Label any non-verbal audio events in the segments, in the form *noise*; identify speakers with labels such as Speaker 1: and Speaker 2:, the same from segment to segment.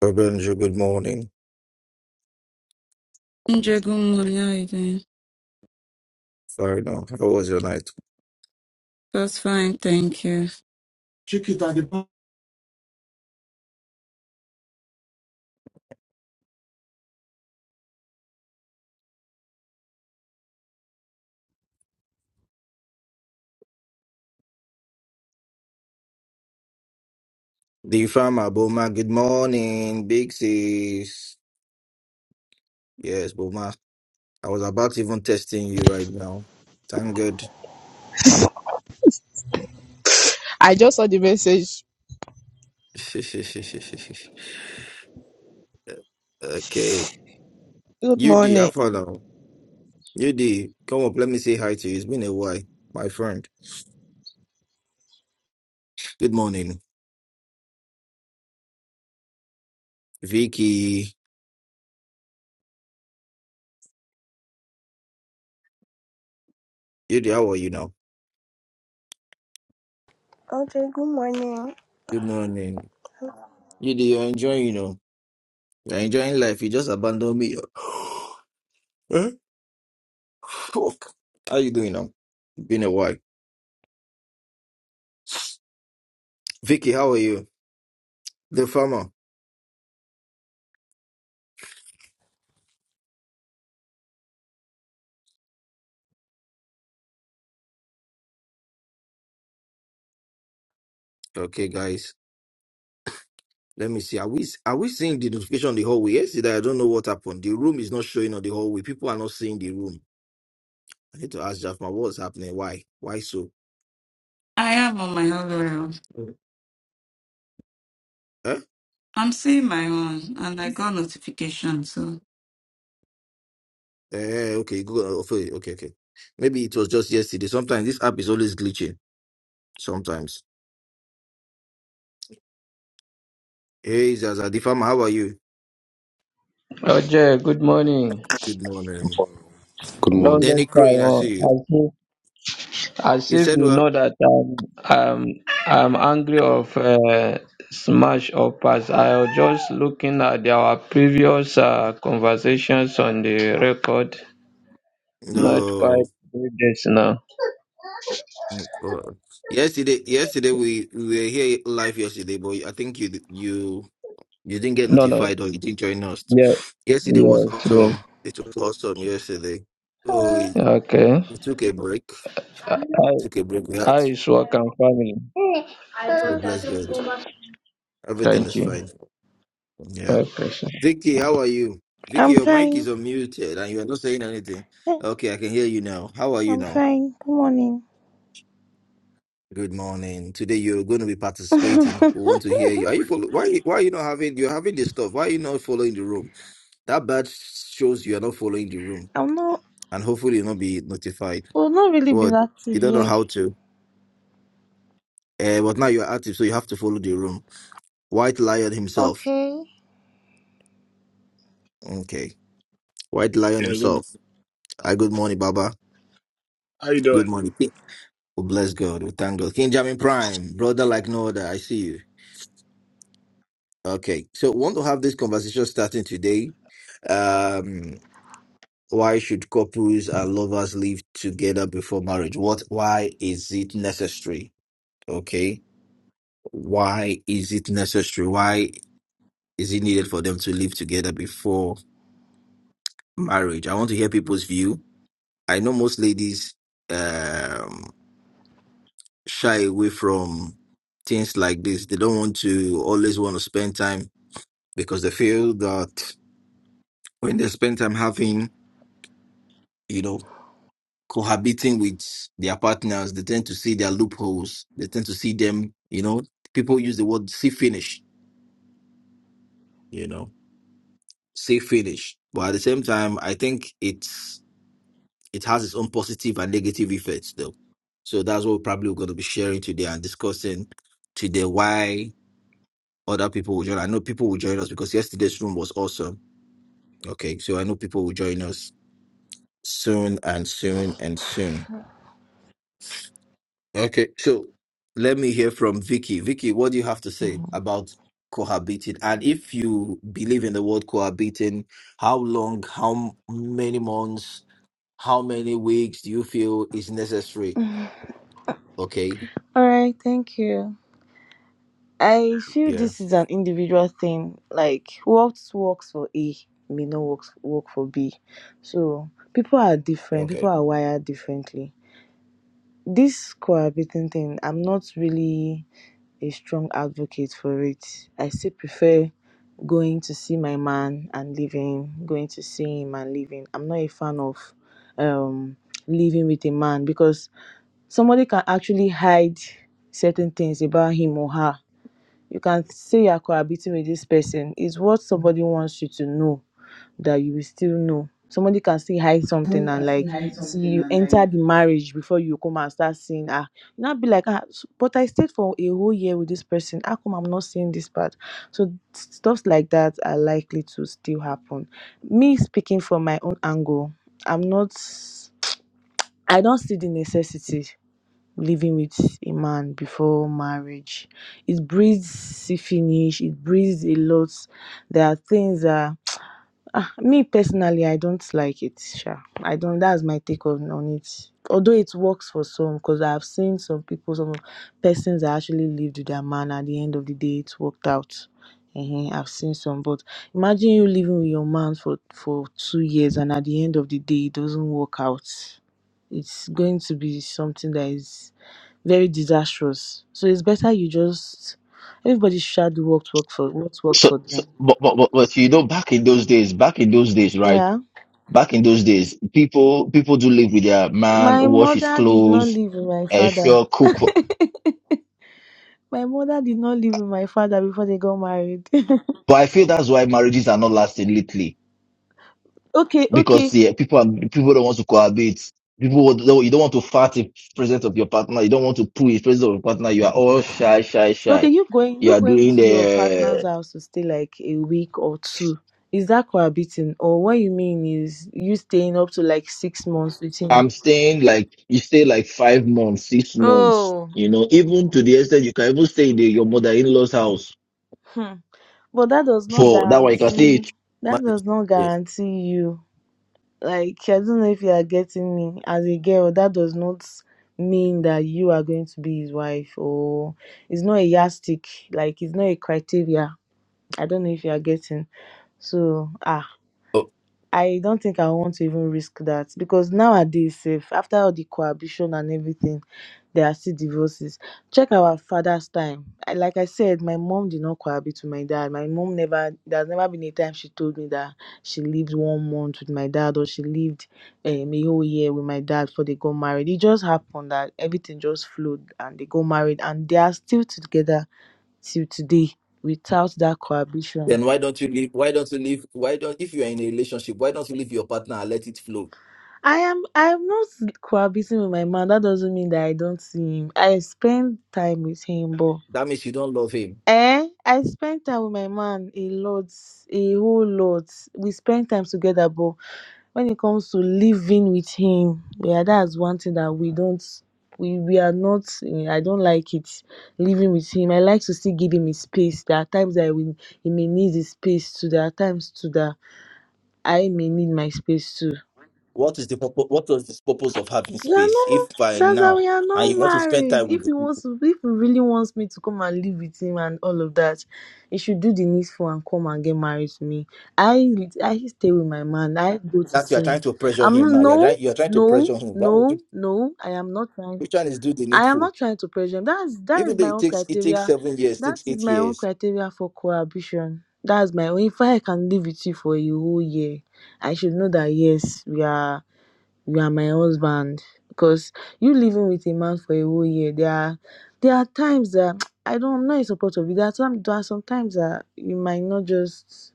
Speaker 1: Benja, good morning.
Speaker 2: Ginger,
Speaker 1: Sorry, no. How was your night?
Speaker 2: That's fine, thank you. Chiquita, the pa-
Speaker 1: The farmer, Boma, good morning. Big sis. Yes, Boma. I was about to even testing you right now. Thank God.
Speaker 3: I just saw the message.
Speaker 1: *laughs* okay.
Speaker 3: Good
Speaker 1: UD, how
Speaker 3: morning.
Speaker 1: far now? UD, come up. Let me say hi to you. It's been a while, my friend. Good morning. Vicky. UD, how are you now?
Speaker 4: OJ, good morning.
Speaker 1: Good morning. UD, you're enjoying, you know. You're enjoying life. You just abandoned me. *gasps* Huh? Fuck. How you doing now? Been a while. Vicky, how are you? The farmer. Okay, guys. Let me see. Are we are we seeing the notification on the hallway? Yesterday, I don't know what happened. The room is not showing on the hallway. People are not seeing the room. I need to ask Jafma what's happening. Why? Why so?
Speaker 2: I am on my Halloween.
Speaker 1: Mm. Huh?
Speaker 2: I'm seeing my own, and I got notification, so.
Speaker 1: Eh, okay, good. Okay, okay, okay. Maybe it was just yesterday. Sometimes this app is always glitching. Sometimes. Hey, Zaza, the farmer, how are you?
Speaker 5: Roger, good morning.
Speaker 1: Good morning.
Speaker 6: Good morning.
Speaker 1: Danny
Speaker 5: Longest time.
Speaker 1: Crane, I
Speaker 5: oh,
Speaker 1: see you.
Speaker 5: As if, as
Speaker 1: You
Speaker 5: if
Speaker 1: said
Speaker 5: you
Speaker 1: well?
Speaker 5: know that um, um, I'm angry of uh, smash or pass. I was just looking at the- our previous uh, conversations on the record. Not
Speaker 1: No.
Speaker 5: quite do this now.
Speaker 1: Oh, fuck. Yesterday, yesterday we, we were here live yesterday, but I think you you you didn't get
Speaker 5: No, no.
Speaker 1: notified or you didn't join us.
Speaker 5: Yeah,
Speaker 1: Yesterday was
Speaker 5: yes,
Speaker 1: awesome.
Speaker 5: yes.
Speaker 1: It was awesome yesterday. So we,
Speaker 5: Okay.
Speaker 1: we took a break.
Speaker 5: I,
Speaker 1: Took a break. We had
Speaker 5: I is work and family.
Speaker 1: so bless God. Everything
Speaker 5: Thank
Speaker 1: is
Speaker 5: you.
Speaker 1: fine. Yeah.
Speaker 5: God bless
Speaker 1: Vicky, how are you? Vicky,
Speaker 7: I'm
Speaker 1: your mic is
Speaker 7: fine.
Speaker 1: unmuted and you are not saying anything.
Speaker 7: Eh,
Speaker 1: Okay, I can hear you now. How are you
Speaker 7: I'm
Speaker 1: now?
Speaker 7: fine. Good morning.
Speaker 1: Good morning. Today you're going to be
Speaker 7: *laughs*
Speaker 1: participating. We
Speaker 7: I'm
Speaker 1: want to hear you. Are you follow? Why? you- Why are you not having? You're having this stuff. Why are you not following the room? That badge shows you are not following the room,
Speaker 7: not.
Speaker 1: and hopefully you'll not be notified.
Speaker 7: We've not really been
Speaker 1: What?
Speaker 7: active
Speaker 1: You don't know
Speaker 7: here.
Speaker 1: how to. Uh, but now you're active, so you have to follow the room. White Lion himself.
Speaker 7: Okay.
Speaker 1: Okay. White Lion
Speaker 8: Yeah, good.
Speaker 1: himself. Ah. Good morning, Baba.
Speaker 8: How you
Speaker 1: Good
Speaker 8: doing?
Speaker 1: morning. King. We bless God. We thank God. King Jamin Prime, brother like no other. I see you. Okay. So we want to have this conversation starting today. Um. why should couples and lovers live together before marriage? What, why is it necessary? Okay. Why is it necessary? Why is it needed for them to live together before marriage? I want to hear people's view. I know most ladies, um, shy away from things like this. They don't want to always want to spend time because they feel that when they spend time having, you know, cohabiting with their partners, they tend to see their loopholes. They tend to see them, you know, people use the word see finish, you know, see finish. But at the same time, I think it's it has its own positive and negative effects though. So that's what we're probably going to be sharing today and discussing today why other people will join. I know people will join us because yesterday's room was awesome. Okay. So I know people will join us soon and soon and soon. Okay, so let me hear from Vicky. Vicky, what do you have to say about cohabiting? And if you believe in the word cohabiting, how long, how m- many months, how many weeks do you feel is necessary? Okay,
Speaker 7: All right. Thank you. I feel
Speaker 1: yeah,
Speaker 7: this is an individual thing. Like what works for A may not work work for B. So people are different. People
Speaker 1: okay.
Speaker 7: are wired differently. This cohabiting thing, I'm not really a strong advocate for it. I still prefer going to see my man and leaving, going to see him and leaving. I'm not a fan of um living with a man because somebody can actually hide certain things about him or her. You can say you're cohabiting with this person. It's what somebody wants you to know that you will still know. Somebody can still hide something and
Speaker 9: Broadcasting
Speaker 7: like
Speaker 9: had
Speaker 7: see
Speaker 9: something
Speaker 7: you enter
Speaker 9: alive.
Speaker 7: the marriage before you come and start seeing ah you not be like ah s- but I stayed for a whole year with this person. How come I'm not seeing this part? So stuff like that are likely to still happen. Me speaking from my own angle, I'm not I don't see the necessity living with a man before marriage. It breeds finish, it breeds a lot. There are things that Ah, me personally, I don't like it sha. I don't that's my take on on it. Although it works for some, because 'cause I've seen some people, some persons that actually lived with their man at the end of the day it worked out. Ehen, I've seen some but imagine you living with your man for for two years and at the end of the day it doesn't work out. It's going to be something that is very disastrous. So it's better you just everybody should do what work for what works
Speaker 1: So,
Speaker 7: for
Speaker 1: so
Speaker 7: them.
Speaker 1: but, but but but you know, back in those days, back in those days, right?
Speaker 7: Yeah.
Speaker 1: Back in those days, people people do live with their man,
Speaker 7: My
Speaker 1: wash his
Speaker 7: mother did not
Speaker 1: clothes,
Speaker 7: live with my father.
Speaker 1: ensure cook.
Speaker 7: My mother did not live with my father before they got married.
Speaker 1: But I feel that's why marriages are not lasting lately.
Speaker 7: *laughs* okay,
Speaker 1: because
Speaker 7: okay,
Speaker 1: yeah, people are, people don't want to cohabit. People would- don't, you don't want to fart in presence of your partner. You don't want to poo in presence of your partner. You are all shy, shy,
Speaker 7: okay.
Speaker 1: shy.
Speaker 7: You going?
Speaker 1: You
Speaker 7: You
Speaker 1: are
Speaker 7: going
Speaker 1: doing
Speaker 7: to your partner's
Speaker 1: the
Speaker 7: house to stay like a week or two? Is that cohabiting, or what you mean is you staying up to like six months with him?
Speaker 1: I'm staying like you stay like five months, six months.
Speaker 7: Oh,
Speaker 1: You know, even to the extent you can even stay in the, your mother-in-law's house
Speaker 7: hmm. but that does not
Speaker 1: for that one. You can stay.
Speaker 7: guarantee.
Speaker 1: Man,
Speaker 7: That
Speaker 1: it's
Speaker 7: does not
Speaker 1: okay.
Speaker 7: guarantee you Like, I don't know if you are getting me. As a girl, that does not mean that you are going to be his wife, or it's not a yardstick. Like, it's not a criteria. I don't know if you are getting. So, ah.
Speaker 1: So
Speaker 7: I don't think I want to even risk that because nowadays, if after all the cohabitation and everything, there are still divorces. Check our father's time. I, like I said, my mom did not cohabit with my dad. My mom never, there's never been a time she told me that she lived one month with my dad or she lived um, a whole year with my dad before they got married. It just happened that everything just flowed and they got married and they are still together till today without that cohabitation.
Speaker 1: then why don't you leave? Why don't you leave? Why don't if you are in a relationship, why don't you leave your partner and let it flow?
Speaker 7: I am I am not cohabiting with my man. That doesn't mean that I don't see him. I spend time with him, but
Speaker 1: That means you don't love him.
Speaker 7: eh, I spend time with my man a lot, a whole lot. We spend time together, but when it comes to living with him, yeah, that's one thing that we don't we we are not eh, I don't like it living with him. I like to still give him his space. There are times that I will, he may need his space too. There are times too that I may need my space too.
Speaker 1: What is the purpose? What was the purpose of having
Speaker 7: You are
Speaker 1: space? If
Speaker 7: not
Speaker 1: by
Speaker 7: Zaza,
Speaker 1: now
Speaker 7: we are
Speaker 1: and you
Speaker 7: not
Speaker 1: want to spend
Speaker 7: married.
Speaker 1: time
Speaker 7: If
Speaker 1: with
Speaker 7: he wants to if he really wants me to come and live with him and all of that, he should do the needful and come and get married to me. I I stay with my man. I go to
Speaker 1: that, you are
Speaker 7: see
Speaker 1: trying
Speaker 7: him.
Speaker 1: to pressure
Speaker 7: I'm
Speaker 1: him
Speaker 7: not-
Speaker 1: now. You're
Speaker 7: no,
Speaker 1: trying, you're trying to
Speaker 7: no,
Speaker 1: pressure him. That would
Speaker 7: no,
Speaker 1: do,
Speaker 7: no. I am not trying
Speaker 1: which one is do the
Speaker 7: I am
Speaker 1: needful?
Speaker 7: not trying to pressure him. That's that is
Speaker 1: Even though
Speaker 7: my
Speaker 1: it
Speaker 7: own
Speaker 1: takes it takes
Speaker 7: criteria.
Speaker 1: seven years,
Speaker 7: That
Speaker 1: takes
Speaker 7: is
Speaker 1: eight
Speaker 7: my own
Speaker 1: years.
Speaker 7: criteria for cohabitation. That's my own. If I can live with you for a whole year, I should know that yes, we are you are my husband because you living with a man for a whole year there are there are times that *tsk* i don't know in support of you there are, some, there are sometimes that you might not just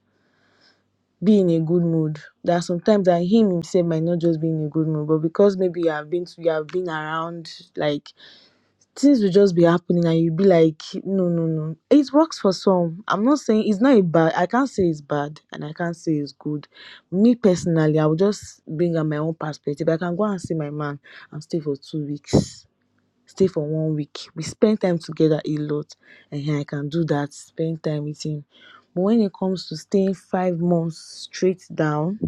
Speaker 7: be in a good mood there are sometimes that him himself might not just be in a good mood but because maybe you have been to, you have been around like things will just be happening and you'll be like, no, no, no. It works for some. I'm not saying it's not a bad, I can't say it's bad and I can't say it's good. Me personally, I will just bring up my own perspective. I can go and see my man and stay for two weeks, stay for one week. We spend time together a lot and here I can do that, spend time with him. But when it comes to staying five months straight down,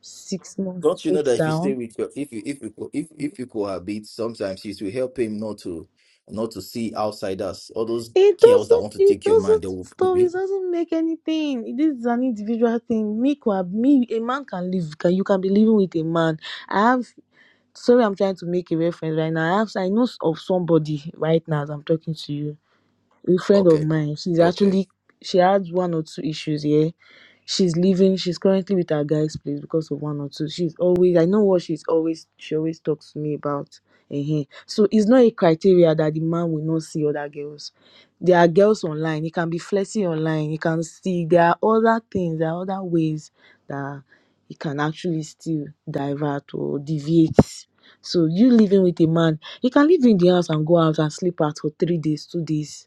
Speaker 7: six months
Speaker 1: Don't you know
Speaker 7: straight
Speaker 1: that if you
Speaker 7: down,
Speaker 1: stay with your if you if you co- if if you cohabit, sometimes it will help him not to not to see outsiders, all those
Speaker 7: It
Speaker 1: girls that
Speaker 7: doesn't.
Speaker 1: want to
Speaker 7: It
Speaker 1: take your man. They
Speaker 7: doesn't
Speaker 1: will
Speaker 7: stop. It
Speaker 1: be
Speaker 7: doesn't make anything. This is an individual thing. Me, kwa- me, a man can live. Can you can be living with a man? I have. Sorry, I'm trying to make a reference right now. I have. I know of somebody right now as I'm talking to you a friend of
Speaker 1: okay,
Speaker 7: mine she's
Speaker 1: okay,
Speaker 7: actually she had one or two issues here she's leaving she's currently with her guy's place because of one or two she's always i know what she's always she always talks to me about uh so it's not a criteria that the man will not see other girls there are girls online he can be flirting online he can see there are other things there are other ways that he can actually still divert or deviate so you living with a man you can live in the house and go out and sleep out for three days two days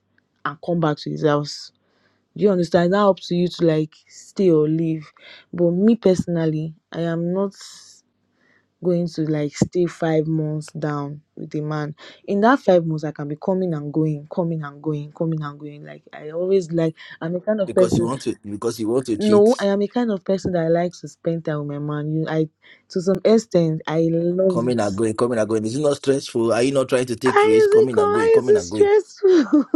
Speaker 7: and come back to his house. Do you understand? It's now up to you to like stay or leave. But me personally, I am not going to like stay five months down with a man. In that five months, I can be coming and going, coming and going, coming and going. Like I always like I'm a kind of
Speaker 1: because you
Speaker 7: person.
Speaker 1: want to because you want to cheat.
Speaker 7: No, I am a kind of person that I like to spend time with my man. You I to some extent I love
Speaker 1: Coming
Speaker 7: it.
Speaker 1: and going, coming and going. Is it not stressful? Are you not trying to take
Speaker 7: How
Speaker 1: risks?
Speaker 7: is it
Speaker 1: Coming
Speaker 7: come?
Speaker 1: and
Speaker 7: How
Speaker 1: going,
Speaker 7: is
Speaker 1: coming
Speaker 7: it
Speaker 1: and going.
Speaker 7: stressful? *laughs*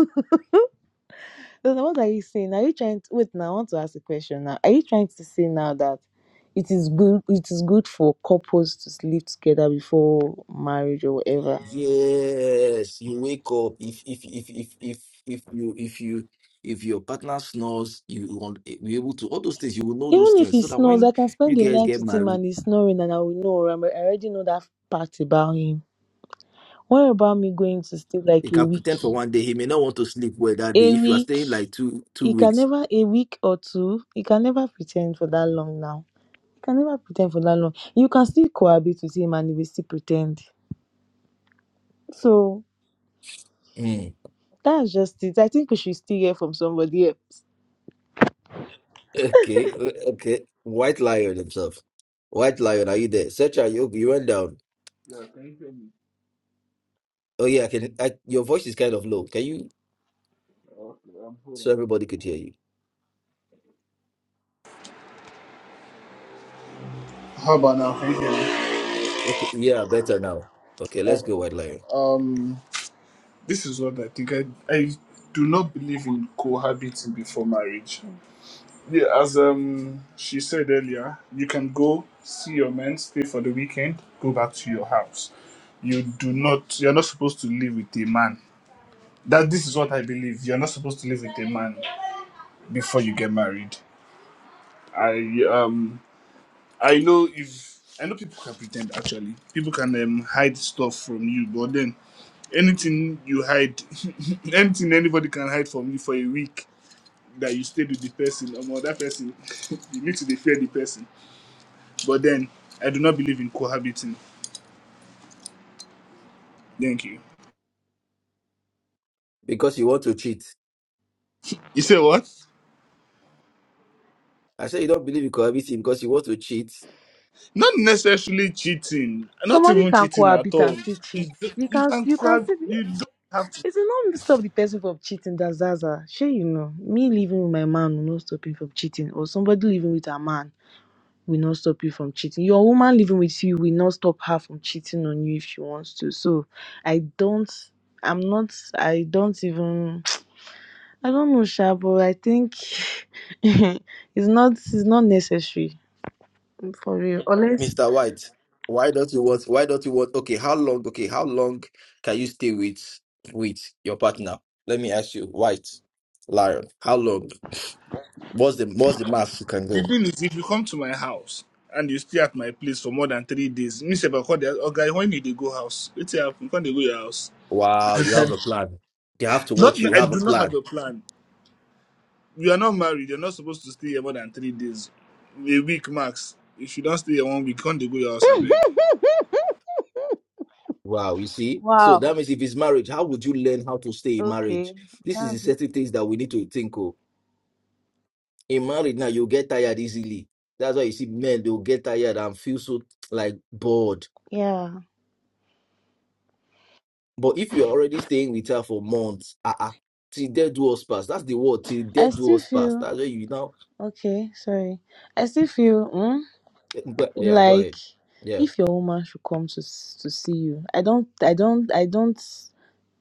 Speaker 7: So now what are you saying? Are you trying to wait now? I want to ask a question now. Are you trying to say now that it is good it is good for couples to sleep together before marriage or whatever?
Speaker 1: Yes, you wake up. If if if if if if you if you if your partner snores, you want eh, be able to all those things. You will know those
Speaker 7: Even if
Speaker 1: things
Speaker 7: he
Speaker 1: so that
Speaker 7: snores, I
Speaker 1: when
Speaker 7: can
Speaker 1: you
Speaker 7: spend the
Speaker 1: guys
Speaker 7: night
Speaker 1: get
Speaker 7: with him
Speaker 1: married,
Speaker 7: and he's snoring and I will know i already know that part about him. What about me going to stay
Speaker 1: you
Speaker 7: like a
Speaker 1: can
Speaker 7: week?
Speaker 1: pretend for one day he may not want to sleep well that day.
Speaker 7: A
Speaker 1: If you are
Speaker 7: week.
Speaker 1: staying like two two
Speaker 7: He can
Speaker 1: weeks,
Speaker 7: never a week or two. He can never pretend for that long now. He can never pretend for that long. You can still cohabit with him and he will still pretend. So
Speaker 1: Mm.
Speaker 7: That's just it. I think we should still hear from somebody else.
Speaker 1: okay, o- okay. White lion himself. White lion, are you there? Search out you. You went down.
Speaker 8: Yeah, can you hear me?
Speaker 1: Oh yeah, I can. I, your voice is kind of low. Can you?
Speaker 8: Okay, I'm holding.
Speaker 1: so everybody could hear you.
Speaker 8: How about now? Can you hear me?
Speaker 1: Okay, yeah, better now. Okay, let's go, White Lion.
Speaker 8: Uh, Um, this is what I think. I I do not believe in cohabiting before marriage. Yeah, as um she said earlier, you can go see your man, stay for the weekend, go back to your house. You do not. You're not supposed to live with a man. That this is what I believe. You're not supposed to live with a man before you get married. I um I know if I know people can pretend actually. People can um, hide stuff from you, but then anything you hide, *laughs* anything anybody can hide from you for a week that you stayed with the person um, or that person, *laughs* you need to dey fear the person. But then I do not believe in cohabiting. Thank you.
Speaker 1: Because you want to cheat.
Speaker 8: You say what?
Speaker 1: I said you don't believe you could have eaten because you want to cheat,
Speaker 8: Not necessarily cheating. Not
Speaker 7: Somebody
Speaker 8: even
Speaker 7: can
Speaker 8: cheating at
Speaker 7: cohabit and
Speaker 8: all.
Speaker 7: still cheat.
Speaker 8: It's ju-
Speaker 7: You
Speaker 8: you
Speaker 7: can
Speaker 8: can
Speaker 7: you can
Speaker 8: cohab-
Speaker 7: still be
Speaker 8: You don't have.
Speaker 7: it will not stop the person from cheating. That's Zaza. Sure, you know, me living with my man will not stop him from cheating, or somebody living with a man will not stop you from cheating. Your woman living with you will not stop her from cheating on you if she wants to. So I don't I'm not I don't even *tsk* I don't know, Sha, but I think *laughs* it's not it's not necessary for real. Unless
Speaker 1: Mr. White. Why don't you want? Why don't you want? Okay, how long? Okay, how long can you stay with with your partner? Let me ask you, White Lion. How long? What's the what's the max you can
Speaker 8: The
Speaker 1: go?
Speaker 8: thing is, if you come to my house and you stay at my place for more than three days, me say, "But God, okay, when you dey go house, It's happen. When they go your house,
Speaker 1: Wow, you have a plan. They have to
Speaker 8: not
Speaker 1: watch
Speaker 8: me.
Speaker 1: you. You
Speaker 8: I
Speaker 1: have a
Speaker 8: do not
Speaker 1: plan.
Speaker 8: have a plan. You are not married. You're not supposed to stay here more than three days, a week max. If you don't stay here one week, can't they go your house? I beg.
Speaker 1: Wow, you see. So
Speaker 7: wow
Speaker 1: that means if it's marriage, how would you learn how to stay in
Speaker 7: Okay.
Speaker 1: marriage? This is
Speaker 7: That's-
Speaker 1: the
Speaker 7: it.
Speaker 1: certain things that we need to think of in marriage now you get tired easily that's why you see men they'll get tired and feel so like bored
Speaker 7: Yeah.
Speaker 1: but if you're already staying with her for months uh-uh, till death do us pass that's the word till
Speaker 7: I
Speaker 1: death do
Speaker 7: still
Speaker 1: us pass
Speaker 7: feel
Speaker 1: that's why you now
Speaker 7: okay, sorry. I still feel mm,
Speaker 1: but, yeah go
Speaker 7: like
Speaker 1: ahead yeah
Speaker 7: if your woman should come to s- to see you. I don't I don't I don't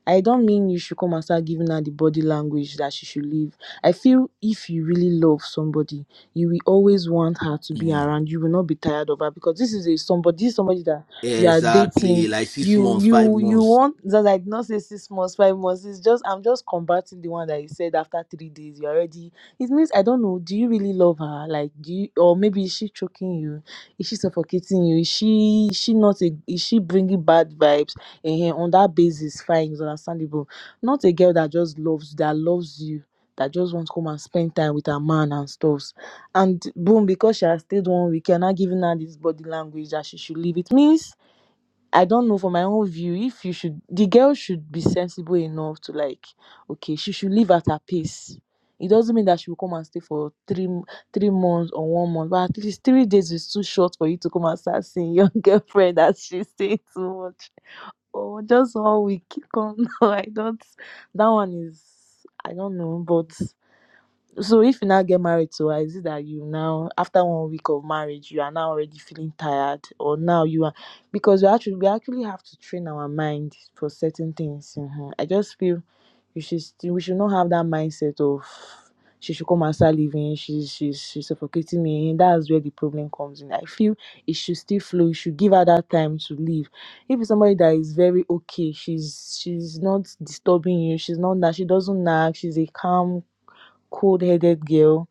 Speaker 7: I don't mean you should come and start giving her the body language that she should leave. I feel if you really love somebody, you will always want her to be
Speaker 1: Mm.
Speaker 7: around. You will not be tired of her because this is a somebody, this is somebody that you are dating.
Speaker 1: exactly like six
Speaker 7: You
Speaker 1: months five
Speaker 7: you you
Speaker 1: months
Speaker 7: want that I did not say six months, five months. It's just I'm just combating the one that you said after three days you already. It means I don't know. Do you really love her? Like do you or maybe is she choking you? Is she suffocating you? Is she is she not a, is she bringing bad vibes? Ehen, on that basis fine is understandable not a girl that just loves that loves you that just wants to come and spend time with her man and stuffs and boom because she has stayed one week you're not giving her this body language that she should leave it means i don't know for my own view if you should the girl should be sensible enough to like okay she should leave at her pace it doesn't mean that she will come and stay for three m- three months or one month but at least three days is too short for you to come and start seeing your *laughs* girlfriend that she's staying too much or just how we *laughs* come. on. I don't. That one is I don't know, but so if you now get married to her, is it that you now after one week of marriage you are now already feeling tired or now you are because we actually we actually have to train our mind for certain things. mhm. I just feel you should still, we should not have that mindset of she should come and start living, she's she's she's suffocating me. That's where the problem comes in. I feel it should still flow. You should give her that time to live. If it's somebody that is very okay, she's she's not disturbing you, she's not that she doesn't nag, she's a calm cold headed girl.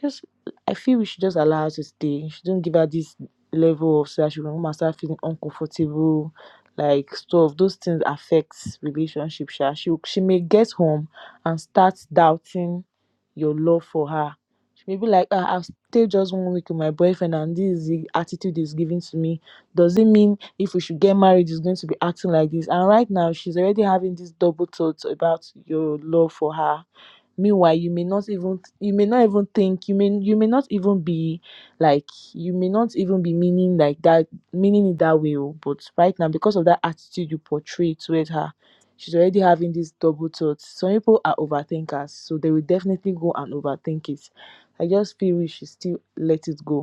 Speaker 7: Just I feel we should just allow her to stay. She don't give her this level of so that she will not start feeling uncomfortable, like stuff. Those things affects relationship. Sha. She she may get home and start doubting your love for her. She may be like, ah, I've stayed just one week with my boyfriend and this is the attitude he's giving to me. Does it mean if we should get married, he's going to be acting like this? And right now, she's already having these double thoughts about your love for her. Meanwhile, you may not even you may not even think you may you may not even be like you may not even be meaning like that meaning it that way. oh, But right now, because of that attitude you portray towards her, she's already having these double thoughts. Some people are overthinkers, so they will definitely go and overthink it. I just feel we should still let it go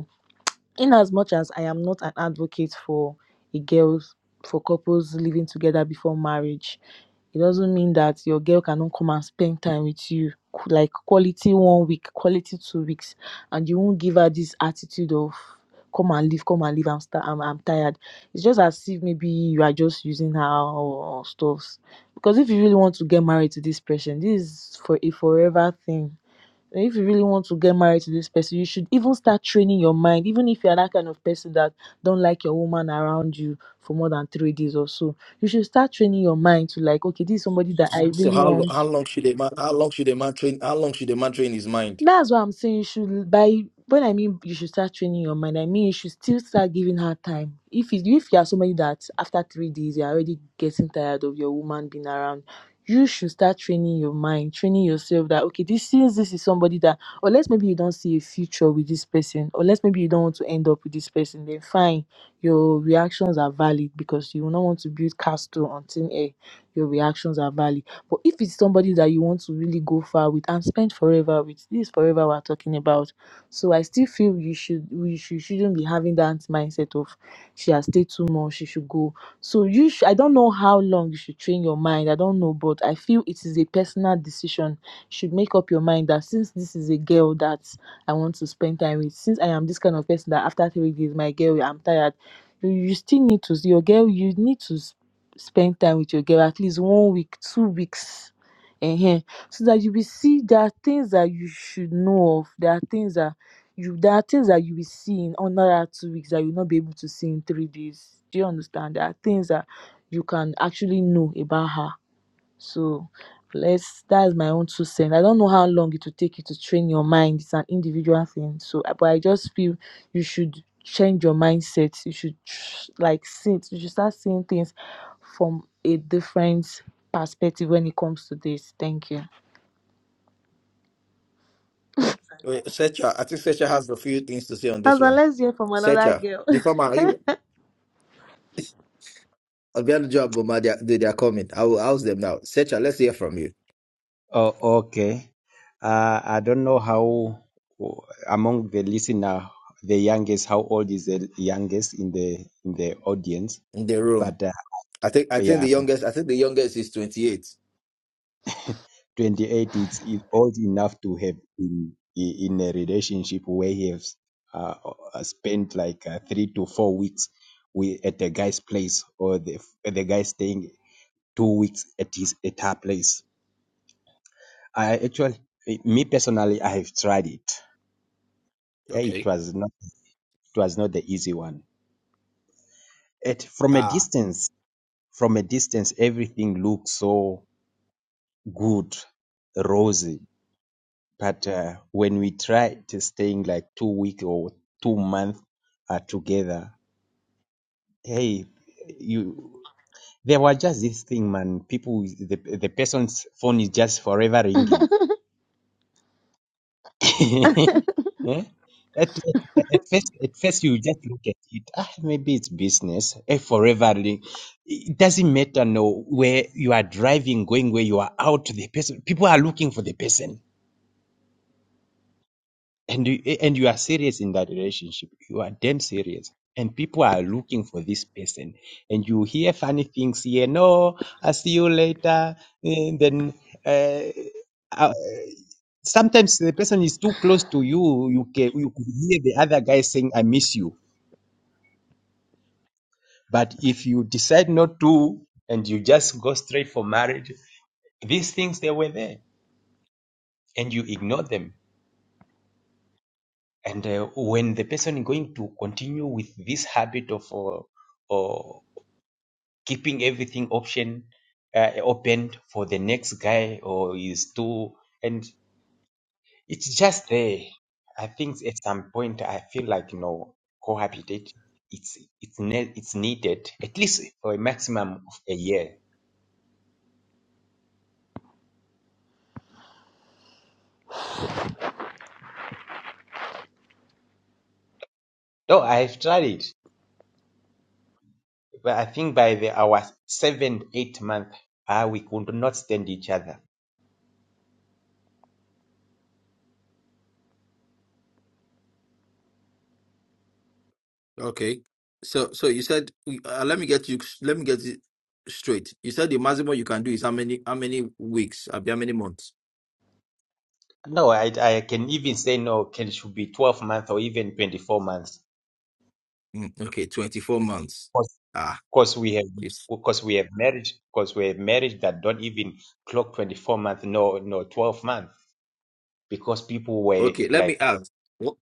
Speaker 7: in as much as I am not an advocate for a girls for couples living together before marriage, it doesn't mean that your girl cannot come and spend time with you like quality one week, quality two weeks, and you won't give her this attitude of come and live, come and live. I'm sta- I'm, I'm tired. It's just as if maybe you are just using her or, or stuffs. Because if you really want to get married to this person, this is for a forever thing and if you really want to get married to this person, you should even start training your mind. Even if you're that kind of person that don't like your woman around you for more than three days or so, you should start training your mind to like, okay, this is somebody that I
Speaker 1: So
Speaker 7: really
Speaker 1: how lo- how
Speaker 7: want.
Speaker 1: long should a man how long should a man train how long should a man train his mind?
Speaker 7: that's why i'm saying you should by when i mean you should start training your mind i mean you should still start giving her time if it, if you are somebody that after three days you're already getting tired of your woman being around you should start training your mind training yourself that okay this since this is somebody that unless maybe you don't see a future with this person unless maybe you don't want to end up with this person then fine your reactions are valid because you will not want to build castle on thin air your reactions are valid but if it's somebody that you want to really go far with and spend forever with, this is forever we're talking about. So I still feel you should we should, shouldn't be having that mindset of she has stayed too much, she should go. So you should, I don't know how long you should train your mind. I don't know, but I feel it is a personal decision. You should make up your mind that since this is a girl that I want to spend time with, since I am this kind of person that after three days, my girl, I'm tired you you still need to your girl you need to spend time with your girl at least one week two weeks ehen so that you will see there are things that you should know of there are things that you there are things that you will see in another two weeks that you will not be able to see in three days do you understand there are things that you can actually know about her so let's that's my own two cents. I don't know how long it will take you to train your mind. It's an individual thing. So uh, but I just feel you should change your mindset. You should tr- like see it- you should start seeing things from a different perspective when it comes to this. Thank you.
Speaker 1: Wait, Secha, I think Secha has a few things to say on this
Speaker 7: Naza,
Speaker 1: one.
Speaker 7: let's hear from another
Speaker 1: Secha,
Speaker 7: girl. *laughs*
Speaker 1: the farmer, are you? I've got a job, but my they are, they they are coming. I will house them now. Secha, let's hear from you
Speaker 9: Oh, okay. Uh, I don't know how among the listener, the youngest, how old is the youngest in the in the audience?
Speaker 1: in the room.
Speaker 9: But uh,
Speaker 1: I think I think the
Speaker 9: yeah, but
Speaker 1: youngest I think the youngest is 28.
Speaker 9: 28 is, is old enough to have been i- in a relationship where he has uh, uh, spent like uh, three to four weeks with, at the guy's place, or the the guy staying two weeks at his at her place. I actually, me personally, I have tried it. Yeah, it
Speaker 1: Okay.
Speaker 9: was not it was not the easy one. At from a
Speaker 1: Ah,
Speaker 9: distance, from a distance, everything looks so good, rosy. But uh, when we tried to staying like two week or two month uh, together, hey, you there was just this thing, man. People, the the person's phone is just forever ringing *laughs* Eh? At, at, at first, at first you just look at it. Ah, maybe it's business. A forever, li- it doesn't matter. No, where you are driving, going where you are out, the person, people are looking for the person, and you eh, and you are serious in that relationship. You are damn serious, and people are looking for this person. And you hear funny things here. No, I see you later. And then. eh, Uh, sometimes the person is too close to you you can you could hear the other guy saying i miss you but if you decide not to and you just go straight for marriage these things they were there and you ignore them and uh, when the person is going to continue with this habit of uh, uh, keeping everything option uh, open for the next guy or is too and It's just there. I think at some point I feel like you know cohabitate. It's it's ne- it's needed at least for a maximum of a year. Though I've tried it, but I think by the our seventh eighth month, ah, we could not stand each other.
Speaker 1: Okay. So so you said uh, let me get you let me get it straight. You said the maximum you can do is how many how many weeks? Abi, How many months?
Speaker 9: No, I I can even say no. Can should be twelve months or even twenty four months.
Speaker 1: Mm, okay, 24 months. Ah,
Speaker 9: Because we have
Speaker 1: yes.
Speaker 9: because we have marriage because we have marriage that don't even clock twenty four months. No, no, twelve months because people were
Speaker 1: Okay, let me
Speaker 9: like
Speaker 1: ask. What,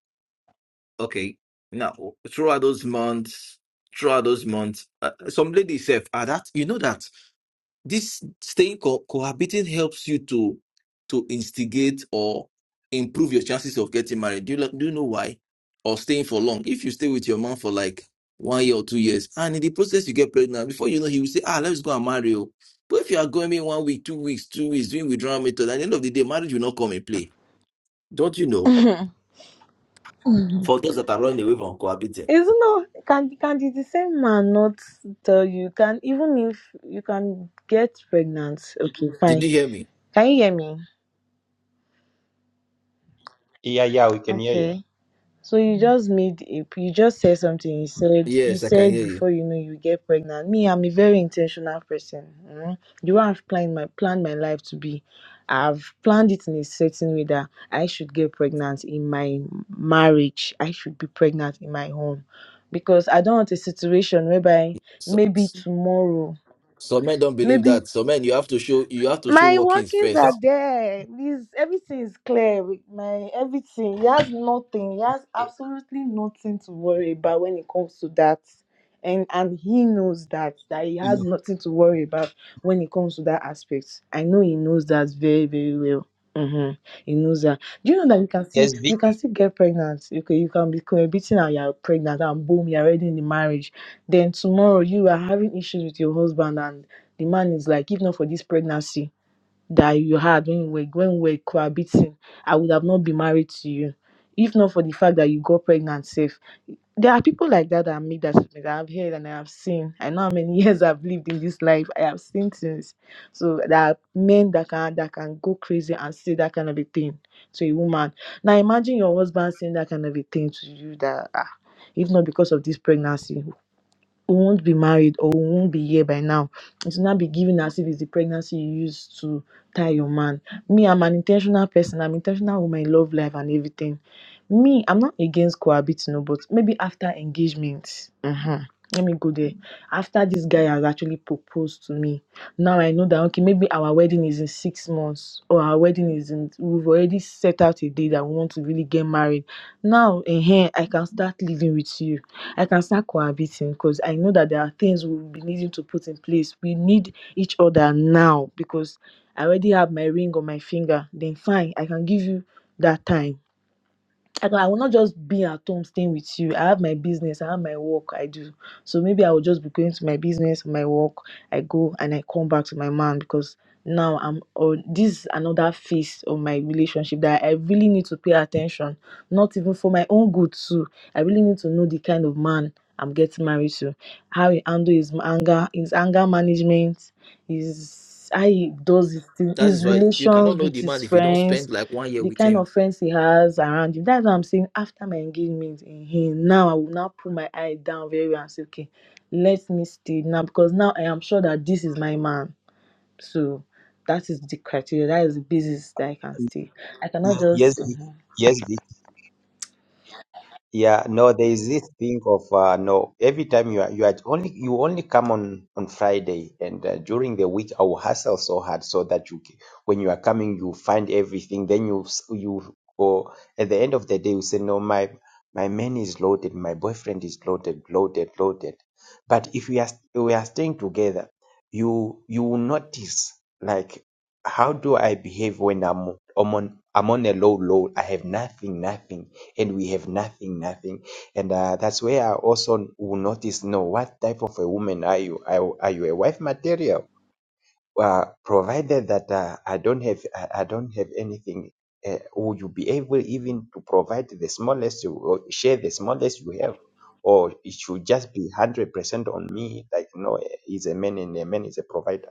Speaker 1: okay. Now throughout those months, throughout those months, uh, some lady said, ah, that you know that. this staying co- cohabiting helps you to to instigate or improve your chances of getting married. Do you like- do you know why? Or staying for long. If you stay with your man for like one year or two years, and in the process you get pregnant, before you know, he will say, "Ah, let's go and marry you." But if you are going in one week, two weeks, two weeks, doing withdrawal method, at the end of the day, marriage will not come in play. Don't you know? For those that are running away from cohabiting,
Speaker 7: It's not can can the the same man not tell you can even if you can get pregnant. Okay,
Speaker 1: did
Speaker 7: fine.
Speaker 1: you hear me?
Speaker 7: Can you hear me?
Speaker 9: Yeah, yeah, we can hear
Speaker 7: Okay.
Speaker 9: you.
Speaker 7: So you just made a, you just said something. You said you
Speaker 1: Yes, I can
Speaker 7: said
Speaker 1: hear you.
Speaker 7: before you know you get pregnant. Me, I'm a very intentional person. mm. The way I've planned my planned my life to be, I've planned it in a certain way that I should get pregnant in my marriage. I should be pregnant in my home, because I don't want a situation whereby
Speaker 1: So,
Speaker 7: maybe
Speaker 1: so-
Speaker 7: tomorrow,
Speaker 1: some men don't believe
Speaker 7: maybe
Speaker 1: that. Some men, you have to show you have to show
Speaker 7: my
Speaker 1: workings
Speaker 7: workings are
Speaker 1: first
Speaker 7: there. Is everything is clear with my everything. He has nothing. He has absolutely nothing to worry about when it comes to that. And and he knows that that he has nothing to worry about when it comes to that aspect. I know he knows that very very well. Mm-hmm. He knows that. Do you know that you can see
Speaker 9: Yes, Vic.
Speaker 7: you can still get pregnant? You can you can be cohabiting and you're pregnant and boom you're already in the marriage. Then tomorrow you are having issues with your husband and the man is like, if not for this pregnancy that you had when you were when we were cohabiting, I would have not been married to you. If not for the fact that you got pregnant safe. There are people like that that made that statement. I have heard and I have seen. I know how many *laughs* years I've lived in this life. I have seen things. So there are men that can that can go crazy and say that kind of a thing to a woman. Now imagine your husband saying that kind of a thing to you that ah, if not because of this pregnancy, who won't be married or who won't be here by now. It will not be given as if it's the pregnancy you used to tie your man. Me, I'm an intentional person. I'm intentional with my love life and everything. Me, I'm not against cohabiting, no, but maybe after engagement. mhm, Let me go there. After this guy has actually proposed to me, now I know that okay, maybe our wedding is in six months or our wedding is in. We've already set out a day that we want to really get married. Now, in here, I can start living with you I can start cohabiting because I know that there are things we'll be needing to put in place. We need each other now because I already have my ring on my finger. Then fine, I can give you that time. I, can, I will not just be at home staying with you. I have my business, I have my work, I do. So maybe I will just be going to my business, my work. I go and I come back to my man because now I'm on this is another phase of my relationship that I really need to pay attention not even for my own good too. I really need to know the kind of man I'm getting married to, how he handle his anger, his anger management, his how he does his thing,
Speaker 1: That
Speaker 7: his
Speaker 1: is why you
Speaker 7: relations
Speaker 1: cannot know
Speaker 7: with
Speaker 1: the
Speaker 7: his
Speaker 1: man if you don't
Speaker 7: friends,
Speaker 1: spend like one year
Speaker 7: the
Speaker 1: with
Speaker 7: kind
Speaker 1: him.
Speaker 7: of friends he has around him. That's what I'm saying. After my engagement in him, now I will now put my eye down very well and say, okay, let me stay now because now I am sure that this is my man. So that is the criteria. That is the basis that I can stay. I cannot
Speaker 9: Yes,
Speaker 7: just.
Speaker 9: Vic.
Speaker 7: Mhm.
Speaker 9: Yes, Vic. Yeah, no, there is this thing of uh, no. Every time you are you are only you only come on on Friday, and uh, during the week I will hustle so hard so that you ca- when you are coming you find everything. Then you s- you or at the end of the day you say no, my my man is loaded, my boyfriend is loaded, loaded, loaded. But if we are st- we are staying together, you you will notice like how do I behave when I'm I'm on I'm on a low low. I have nothing, nothing and we have nothing, nothing. And uh, that's where I also will notice, no, what type of a woman are you? Are, are you a wife material? Uh, provided that uh, I don't have, I, I don't have anything. Uh, would you be able even to provide the smallest, you- or share the smallest you have? Or it should just be 100% on me, like, no, he's a man and a man is a provider.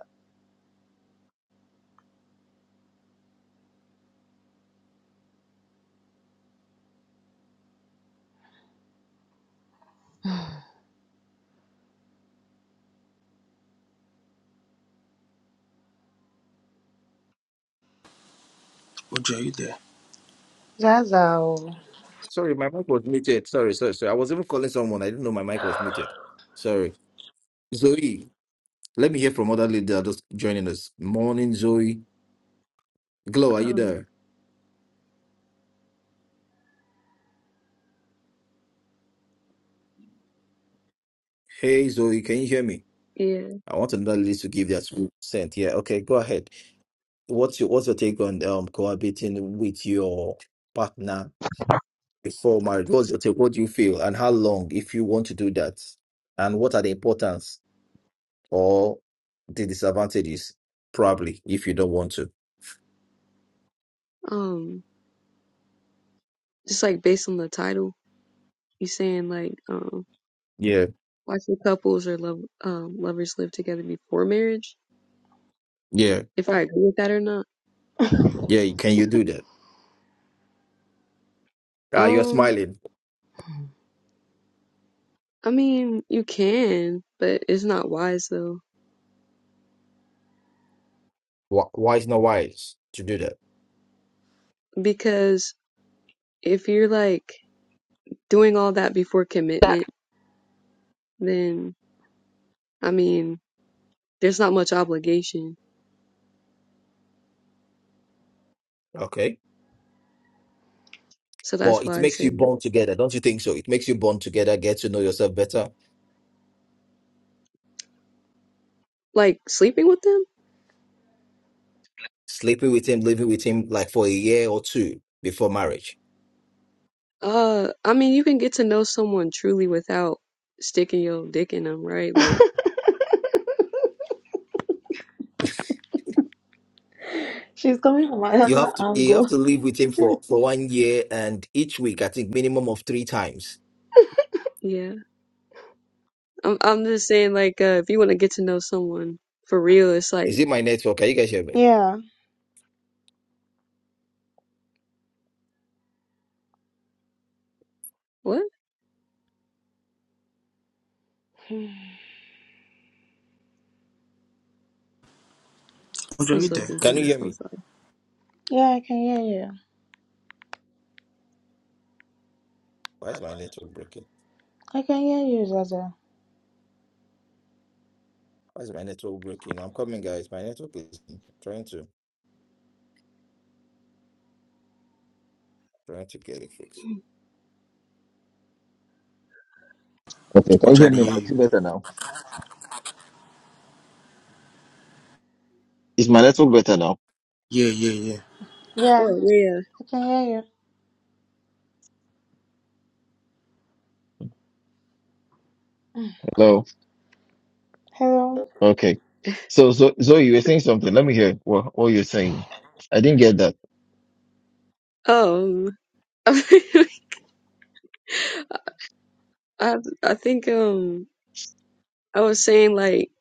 Speaker 10: OJ, you there?
Speaker 7: Zaza o.
Speaker 1: Sorry, my mic was muted. Sorry, sorry, sorry. I was even calling someone. I didn't know my mic was muted. Sorry. Zoe, let me hear from other lady that are just joining us. Morning, Zoe. Glow, are you
Speaker 11: Um,
Speaker 1: there? Hey, Zoe, can you hear me?
Speaker 11: yeah.
Speaker 1: I want another lady to give their two cent. Yeah, okay, go ahead. What's your what's your take on um cohabiting with your partner before marriage? What's your take? What do you feel? And how long if you want to do that? And what are the importance? or the disadvantages probably if you don't want to
Speaker 11: Um, just like based on the title, you saying like, um,
Speaker 1: yeah
Speaker 11: why should couples or love um lovers live together before marriage?
Speaker 1: yeah
Speaker 11: If I agree with that or not?
Speaker 1: yeah can you do that uh, you're
Speaker 11: Um,
Speaker 1: smiling
Speaker 11: I mean, you can, but it's not wise though,
Speaker 1: why, why is not wise to do that
Speaker 11: because if you're like doing all that before
Speaker 1: That
Speaker 11: commitment, then I mean, there's not much obligation.
Speaker 1: okay
Speaker 11: So
Speaker 1: but
Speaker 11: that's
Speaker 1: it
Speaker 11: why I
Speaker 1: makes
Speaker 11: say
Speaker 1: you bond together don't you think so it makes you bond together get to know yourself better
Speaker 11: like sleeping with them.
Speaker 1: sleeping with him living with him like for a year or two before marriage
Speaker 11: Uh, I mean, you can get to know someone truly without sticking your dick in them, right? Like,
Speaker 7: She's coming from
Speaker 1: you
Speaker 7: another
Speaker 1: have to you have
Speaker 7: angle.
Speaker 1: to live with him for for one year and each week i think minimum of three times
Speaker 11: yeah. I'm I'm just saying, like, uh, if you want to get to know someone for real, it's like,
Speaker 1: Is it my network? Can you guys hear me?
Speaker 7: Yeah,
Speaker 11: what?
Speaker 10: OJ,
Speaker 11: I'm
Speaker 10: you
Speaker 11: so
Speaker 10: there?
Speaker 1: Can you
Speaker 11: confused.
Speaker 1: hear
Speaker 11: I'm
Speaker 1: me?
Speaker 11: sorry.
Speaker 7: yeah, I can hear you.
Speaker 1: Why is my network breaking?
Speaker 7: I can hear you, Zaza.
Speaker 1: Why is my network breaking? I'm coming, guys. My network is trying to trying to get it fixed. Okay, can you
Speaker 10: OJ, I
Speaker 1: hear
Speaker 10: dey
Speaker 1: me now?
Speaker 10: hear
Speaker 1: Is it
Speaker 10: you.
Speaker 1: better now? Is my network better now?
Speaker 10: Yeah, yeah, yeah.
Speaker 7: Yeah.
Speaker 11: Oh yeah.
Speaker 7: I can hear you.
Speaker 1: Hello.
Speaker 7: Hello.
Speaker 1: Okay. So, so, so you were saying something. Let me hear what, what you're saying. I didn't get that.
Speaker 11: Um, *laughs* I I think um I was saying like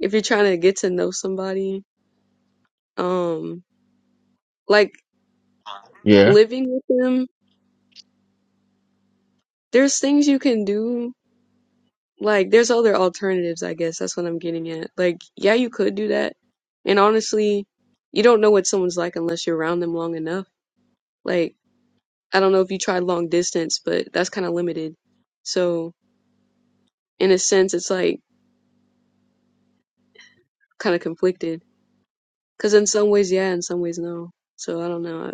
Speaker 11: if you're trying to get to know somebody, um, like
Speaker 1: Yeah.
Speaker 11: living with them, there's things you can do Like, there's other alternatives, I guess. That's what I'm getting at. Like, yeah, you could do that. And honestly, you don't know what someone's like unless you're around them long enough. Like, I don't know if you tried long distance, but that's kind of limited. So, in a sense, it's like kind of conflicted. Because in some ways, yeah, in some ways, no. So, I don't know.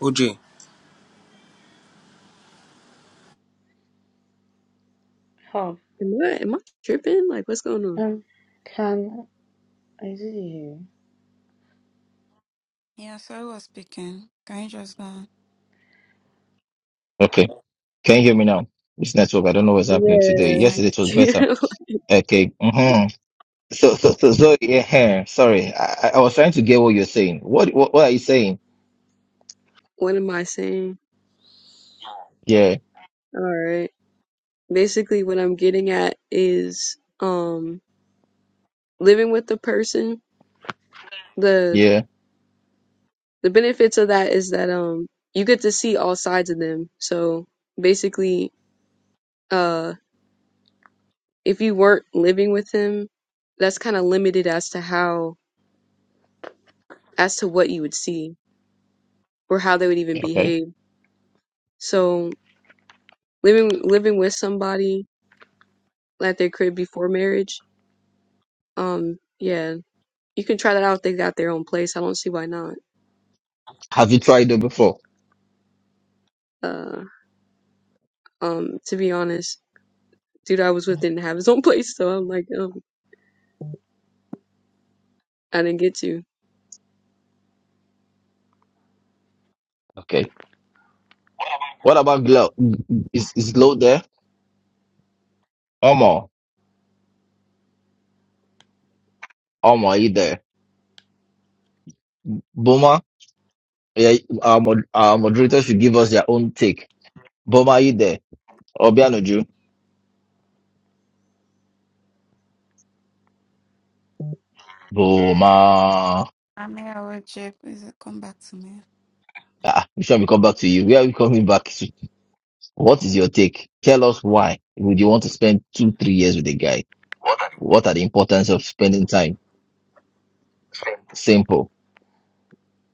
Speaker 10: OJ,
Speaker 7: Huh.
Speaker 11: Am I, am I tripping? Like, what's going on?
Speaker 7: Um, can is it you?
Speaker 2: Yeah, sorry, was speaking. Can you just go on?
Speaker 1: Okay. Can you hear me now? This network. I don't know what's happening today.
Speaker 2: Can you?
Speaker 1: Yesterday it was better.
Speaker 11: Yeah.
Speaker 1: Okay. hmm So, so, so, so, yeah. eh, Sorry. I, I I was trying to get what you're saying. What, what, what are you saying?
Speaker 11: *laughs* what am I saying?
Speaker 1: Yeah.
Speaker 11: All right. Basically, what I'm getting at is um living with the person. the
Speaker 1: Yeah.
Speaker 11: the benefits of that is that um you get to see all sides of them. So basically, uh, if you weren't living with him, that's kind of limited as to how as to what you would see or how they would even
Speaker 1: Okay.
Speaker 11: behave. So living living with somebody at their crib before marriage, um, yeah, you can try that out if they got their own place. I don't see why not.
Speaker 1: Have you tried it before?
Speaker 11: Uh, um, to be honest, dude I was with didn't have his own *laughs* place, so I'm like, um, I didn't get to.
Speaker 1: Okay. What about Glow? Is, is Glow there? Omo. Omo, are you there? Boma? Yeah. Our, mod- our moderators should give us their own take. Boma, are you there? Obianoju? Boma.
Speaker 2: I'm here, I will check. Please come back to me.
Speaker 1: Ah, we shall be come back to you. We are coming back. What is your take? Tell us why would you want to spend two, three years with a guy? What are the importance of spending time? Simple.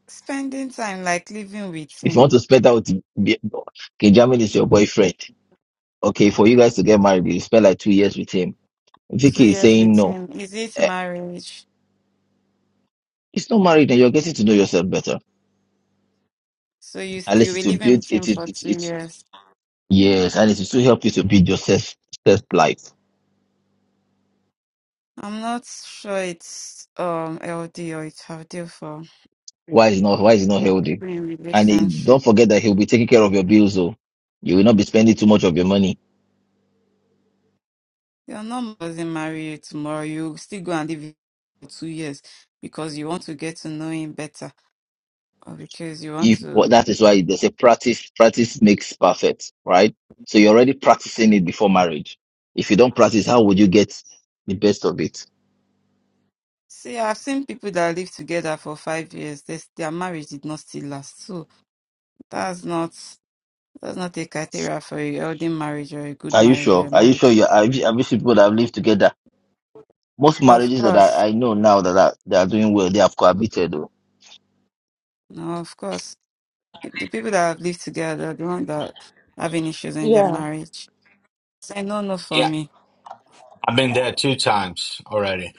Speaker 2: Spending time, like living with
Speaker 1: If you want to
Speaker 2: him,
Speaker 1: spend out, be- okay, German is your boyfriend. Okay, for you guys to get married, you spend like two years with him.
Speaker 2: two
Speaker 1: Vicky is
Speaker 2: years
Speaker 1: saying
Speaker 2: with
Speaker 1: no.
Speaker 2: him. Is it
Speaker 1: Eh,
Speaker 2: marriage?
Speaker 1: It's not married, and you're getting to know yourself better.
Speaker 2: So you
Speaker 1: At
Speaker 2: still
Speaker 1: least
Speaker 2: be
Speaker 1: it will
Speaker 2: living
Speaker 1: build
Speaker 2: with him
Speaker 1: it. It
Speaker 2: for
Speaker 1: it,
Speaker 2: two
Speaker 1: it
Speaker 2: years?
Speaker 1: yes, and it will still help you to build your self self life.
Speaker 2: I'm not sure it's um LD or it's healthy for
Speaker 1: Why is not why is it not
Speaker 2: for
Speaker 1: healthy?
Speaker 2: people in
Speaker 1: And eh,
Speaker 2: relationship.
Speaker 1: don't forget that he'll be taking care of your bills. So you will not be spending too much of your money
Speaker 2: You're not doesn't marry you tomorrow. You still go and live with him for two years because you want to get to know him better or because you want
Speaker 1: If well,
Speaker 2: to.
Speaker 1: that is why they say practice practice makes perfect right so you're already practicing it before marriage if you don't practice how would you get the best of it
Speaker 2: See, I've seen people that live together for five years. This, their marriage did not still last. So that's not that's not a criteria for a healthy marriage or a good
Speaker 1: are you
Speaker 2: marriage or
Speaker 1: sure
Speaker 2: a
Speaker 1: are you
Speaker 2: marriage.
Speaker 1: sure you have you, have you seen people that have lived together most
Speaker 2: Of
Speaker 1: marriages that
Speaker 2: course,
Speaker 1: i, I know now that are, they are doing well they have cohabited though.
Speaker 2: no, of course. The the people that have lived together, are the ones that having issues in their
Speaker 7: Yeah.
Speaker 2: marriage. Say no, no for
Speaker 12: Yeah,
Speaker 2: me,
Speaker 12: I've been there two times already.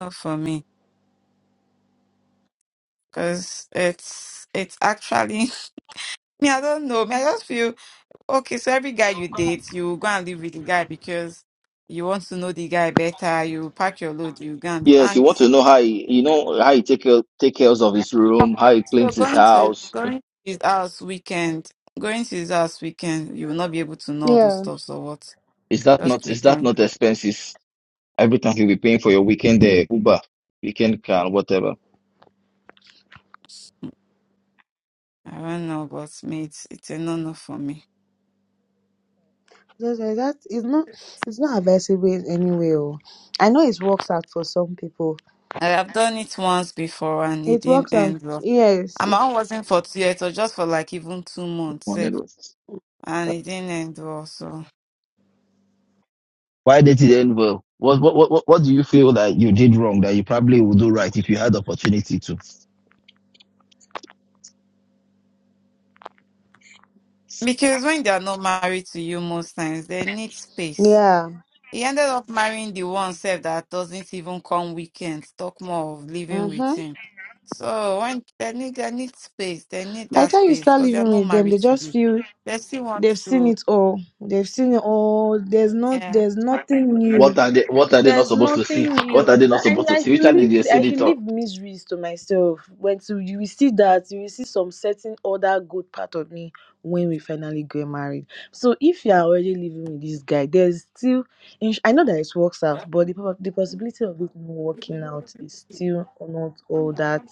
Speaker 2: not for me, because it's it's actually Me, I don't know. Me, I just feel okay. So every guy you date, you go and live with the guy because you want to know the guy better. You pack your load, you go and live.
Speaker 1: yes you
Speaker 2: And
Speaker 1: want to know how he, you know how he take care take care of his room how he
Speaker 2: so
Speaker 1: cleans his
Speaker 2: going to
Speaker 1: house
Speaker 2: going to his house weekend, going to his house weekend, you will not be able to know all those
Speaker 7: Yeah,
Speaker 2: stuff. So what?
Speaker 1: is that
Speaker 2: Just
Speaker 1: not is that
Speaker 2: weekend.
Speaker 1: not expenses every time you'll be paying for your weekend uh, uber weekend car whatever
Speaker 2: I don't know, but me, it's, it's a no no for me.
Speaker 7: Zaza, that is not. It's not advisable in any way. oh. I know it works out for some people.
Speaker 2: I have done it once before and it
Speaker 7: It
Speaker 2: didn't
Speaker 7: works out.
Speaker 2: end well.
Speaker 7: Yes.
Speaker 2: And
Speaker 7: It,
Speaker 2: my own wasn't for two years, or just for like even two months, eh, and it didn't end well. So.
Speaker 1: Why did it end well? What, what what what what do you feel that you did wrong that you probably would do right if you had the opportunity to?
Speaker 2: Because when they are not married to you most times, they need space.
Speaker 7: yeah.
Speaker 2: He ended up marrying the one self that doesn't even come weekends, talk more of living with
Speaker 7: Mhm.
Speaker 2: him. So when they need they need space, they need
Speaker 7: By the
Speaker 2: that
Speaker 7: time you
Speaker 2: space
Speaker 7: start
Speaker 2: because they are
Speaker 7: living
Speaker 2: not
Speaker 7: with them,
Speaker 2: married
Speaker 7: they
Speaker 2: to
Speaker 7: just
Speaker 2: you.
Speaker 7: feel
Speaker 2: They still want
Speaker 7: they've seen
Speaker 2: to
Speaker 7: it all. They've seen it all. There's not.
Speaker 2: yeah.
Speaker 7: There's nothing
Speaker 1: What
Speaker 7: new.
Speaker 1: are they What are they not
Speaker 7: There's
Speaker 1: supposed to
Speaker 7: nothing
Speaker 1: see?
Speaker 7: new.
Speaker 1: What are they not
Speaker 7: And
Speaker 1: supposed to
Speaker 7: I
Speaker 1: see? Which
Speaker 7: should
Speaker 1: are
Speaker 7: leave
Speaker 1: the
Speaker 7: I should
Speaker 1: senator?
Speaker 7: leave miseries to myself. When to, you will see that you will see some certain other good part of me when we finally get married. So if you are already living with this guy, there's still ins- I know that it works out, but the prob- the possibility of it not working out is still not all that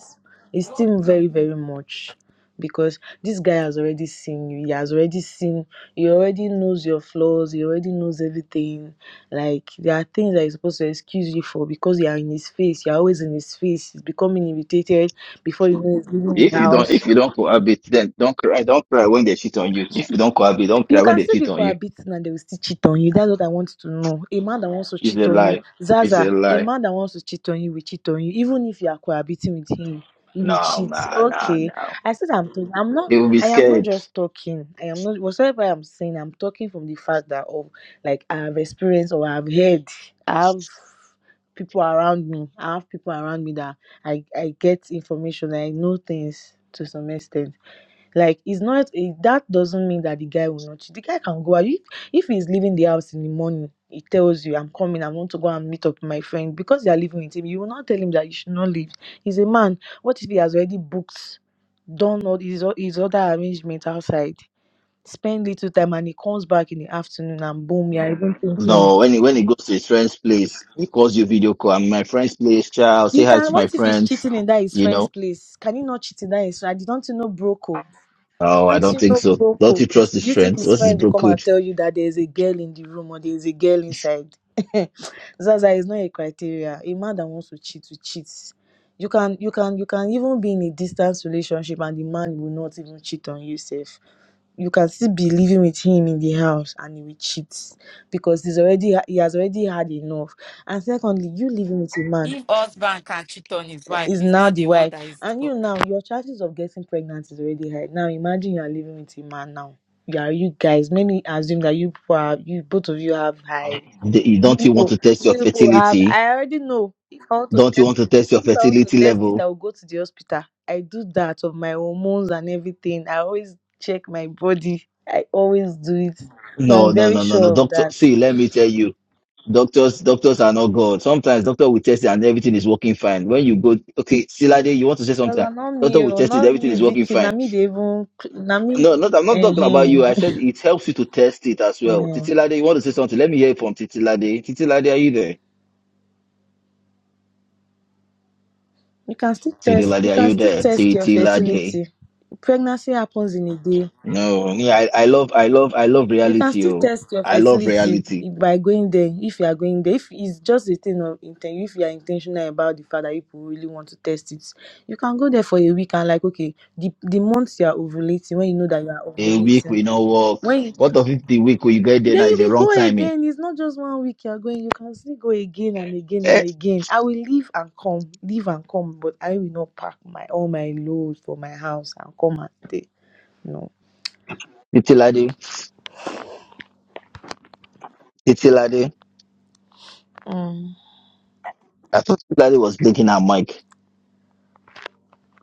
Speaker 7: it's still very, very much. Because this guy has already seen you, he has already seen he already knows your flaws, he already knows everything like there are things that he's supposed to excuse you for because you are in his face, you're always in his face, he's becoming irritated before you know he's leaving the
Speaker 1: If you don't
Speaker 7: house.
Speaker 1: if you don't cohabit, then don't cry. Don't cry when they cheat on you. If you don't cohabit, don't
Speaker 7: You
Speaker 1: cry when
Speaker 7: can
Speaker 1: they
Speaker 7: still be
Speaker 1: cheat on you.
Speaker 7: cohabiting and they will still cheat on you. That's what I want to know. A man that wants to
Speaker 1: It's
Speaker 7: cheat
Speaker 1: a
Speaker 7: on you,
Speaker 1: lie. It's a
Speaker 7: Zaza, a
Speaker 1: lie.
Speaker 7: man that wants to cheat on you will cheat on you, even if you are cohabiting with him. He will
Speaker 1: No,
Speaker 7: cheat.
Speaker 1: no, no,
Speaker 7: Okay.
Speaker 1: no.
Speaker 7: I said I'm talking. I'm not
Speaker 1: They will be
Speaker 7: I am not
Speaker 1: scared.
Speaker 7: just talking. I am not whatever I'm saying, I'm talking from the fact that of like I have experienced or I've heard. I have people around me. I have people around me that I I get information. I know things to some extent. Like it's not it, that doesn't mean that the guy will not. cheat. The guy can go out. If, if he's leaving the house in the morning, he tells you, "I'm coming. I want to go and meet up with my friend." Because you are living with him, you will not tell him that you should not leave. He's a man. What if he has already booked, done all his o- his other arrangement outside? Spend little time and he comes back in the afternoon and boom, you're even thinking
Speaker 1: No, when he, when he goes to his friend's place, he calls you video call. I'm in my friend's place, child. Say
Speaker 7: You
Speaker 1: hi
Speaker 7: can.
Speaker 1: to my
Speaker 7: What if he's
Speaker 1: friends.
Speaker 7: cheating in that his
Speaker 1: You know.
Speaker 7: friend's place? Can he not cheat in that his? I don't you know bro code.
Speaker 1: Oh, I
Speaker 7: Don't
Speaker 1: don't
Speaker 7: you
Speaker 1: think
Speaker 7: know
Speaker 1: so.
Speaker 7: bro
Speaker 1: Don't you
Speaker 7: code?
Speaker 1: trust his
Speaker 7: You think
Speaker 1: friends?
Speaker 7: his
Speaker 1: What's his
Speaker 7: friend will
Speaker 1: bro
Speaker 7: come
Speaker 1: code?
Speaker 7: and tell you that there is a girl in the room or there is a girl inside? Zaza is not a criteria. A man that wants to cheat will cheat. You can, you can, you can even be in a distance relationship and the man will not even cheat on you, safe. You can still be living with him in the house and he will cheat because he's already he has already had enough. And secondly, you living with a man
Speaker 2: If husband can cheat on his wife,
Speaker 7: is
Speaker 2: he's
Speaker 7: now
Speaker 2: not
Speaker 7: the
Speaker 2: the one
Speaker 7: wife
Speaker 2: that is
Speaker 7: and you
Speaker 2: co-
Speaker 7: now your chances of getting pregnant is already high now imagine you are living with a man now you are you guys let me assume that you people are you both of you have high
Speaker 1: Do- you-
Speaker 7: you
Speaker 1: Don't you want
Speaker 7: people
Speaker 1: to test your
Speaker 7: you people have
Speaker 1: fertility?
Speaker 7: i already know if i want to
Speaker 1: Don't you
Speaker 7: test
Speaker 1: want to
Speaker 7: it
Speaker 1: test your
Speaker 7: if i want to
Speaker 1: fertility
Speaker 7: test it
Speaker 1: level?
Speaker 7: i will go to the hospital i do that of my hormones and everything i always check my body i always do it so
Speaker 1: No,
Speaker 7: i'm
Speaker 1: no,
Speaker 7: very
Speaker 1: no, no, no.
Speaker 7: sure of
Speaker 1: Doctor,
Speaker 7: that
Speaker 1: see, let me tell you, doctors, doctors are not God. Sometimes doctor will test it and everything is working fine. When you go, okay, Silade, you want to say
Speaker 7: that's
Speaker 1: something?
Speaker 7: not
Speaker 1: Doctor
Speaker 7: me
Speaker 1: will
Speaker 7: oh,
Speaker 1: test it,
Speaker 7: not
Speaker 1: everything
Speaker 7: me
Speaker 1: is working
Speaker 7: vicky na
Speaker 1: fine.
Speaker 7: me dey even na me
Speaker 1: No, not, I'm not talking about
Speaker 7: uh
Speaker 1: you. I said it helps you to test it as well.
Speaker 7: huh.
Speaker 1: Titilade, you want to say something? Let me hear it from Titilade. Titilade, are you there?
Speaker 7: You can still
Speaker 1: CD
Speaker 7: test
Speaker 1: Lade,
Speaker 7: you
Speaker 1: are
Speaker 7: can
Speaker 1: you
Speaker 7: still
Speaker 1: there?
Speaker 7: test your
Speaker 1: CT Lade.
Speaker 7: fertility. Pregnancy happens in a day.
Speaker 1: No, yeah, I, I love, I love, I love
Speaker 7: You can
Speaker 1: reality.
Speaker 7: still
Speaker 1: Oh,
Speaker 7: test your
Speaker 1: I love
Speaker 7: fertility
Speaker 1: reality.
Speaker 7: by going there if you are going there. If it's just a thing of intent, if you are intentional about the fact that people really want to test it, you can go there for a week and like okay, the the months you are ovulating when you know that you are
Speaker 1: A week
Speaker 7: ovulating.
Speaker 1: we no work.
Speaker 7: When
Speaker 1: What of if the week we get there
Speaker 7: Then
Speaker 1: now
Speaker 7: you
Speaker 1: is the
Speaker 7: will
Speaker 1: wrong
Speaker 7: go
Speaker 1: timing?
Speaker 7: again. It's not just one week you're going. You can still go again and again and
Speaker 1: Eh,
Speaker 7: again. I will leave and come, leave and come, but I will not pack my all my loads for my house and come and stay. No.
Speaker 1: CT Lade, CT Lade.
Speaker 7: Mm.
Speaker 1: I thought CT Lade was blinking her mic.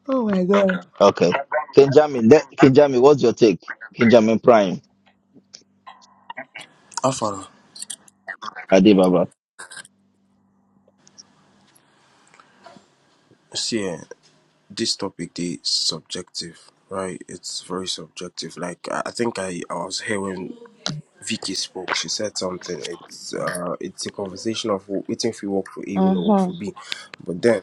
Speaker 7: Oh my god.
Speaker 1: Okay. Kinjamin, let- Kinjamin, what's your take? Kinjamin Prime,
Speaker 10: Afara.
Speaker 1: Adi Baba.
Speaker 10: See, eh, this topic is subjective, right? It's very subjective. Like I I think I, I was here when Vicky spoke. She said something. It's uh, it's a conversation of waiting if you work for A, when
Speaker 7: Uh
Speaker 10: you work
Speaker 7: huh.
Speaker 10: for B. But then,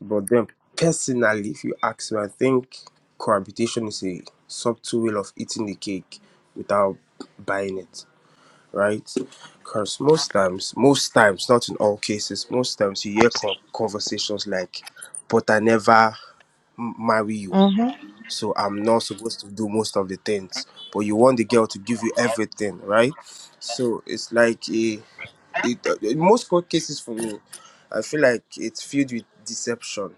Speaker 10: but then personally, if you ask me, I think cohabitation is a subtle way of eating the cake without buying it. right? Because most times, most times, not in all cases, most times you hear con- conversations like, but I never m- marry you,
Speaker 7: Uh huh.
Speaker 10: so I'm not supposed to do most of the things. But you want the girl to give you everything, right? So it's like a, it, uh, in most court cases for me, I feel like it's filled with deception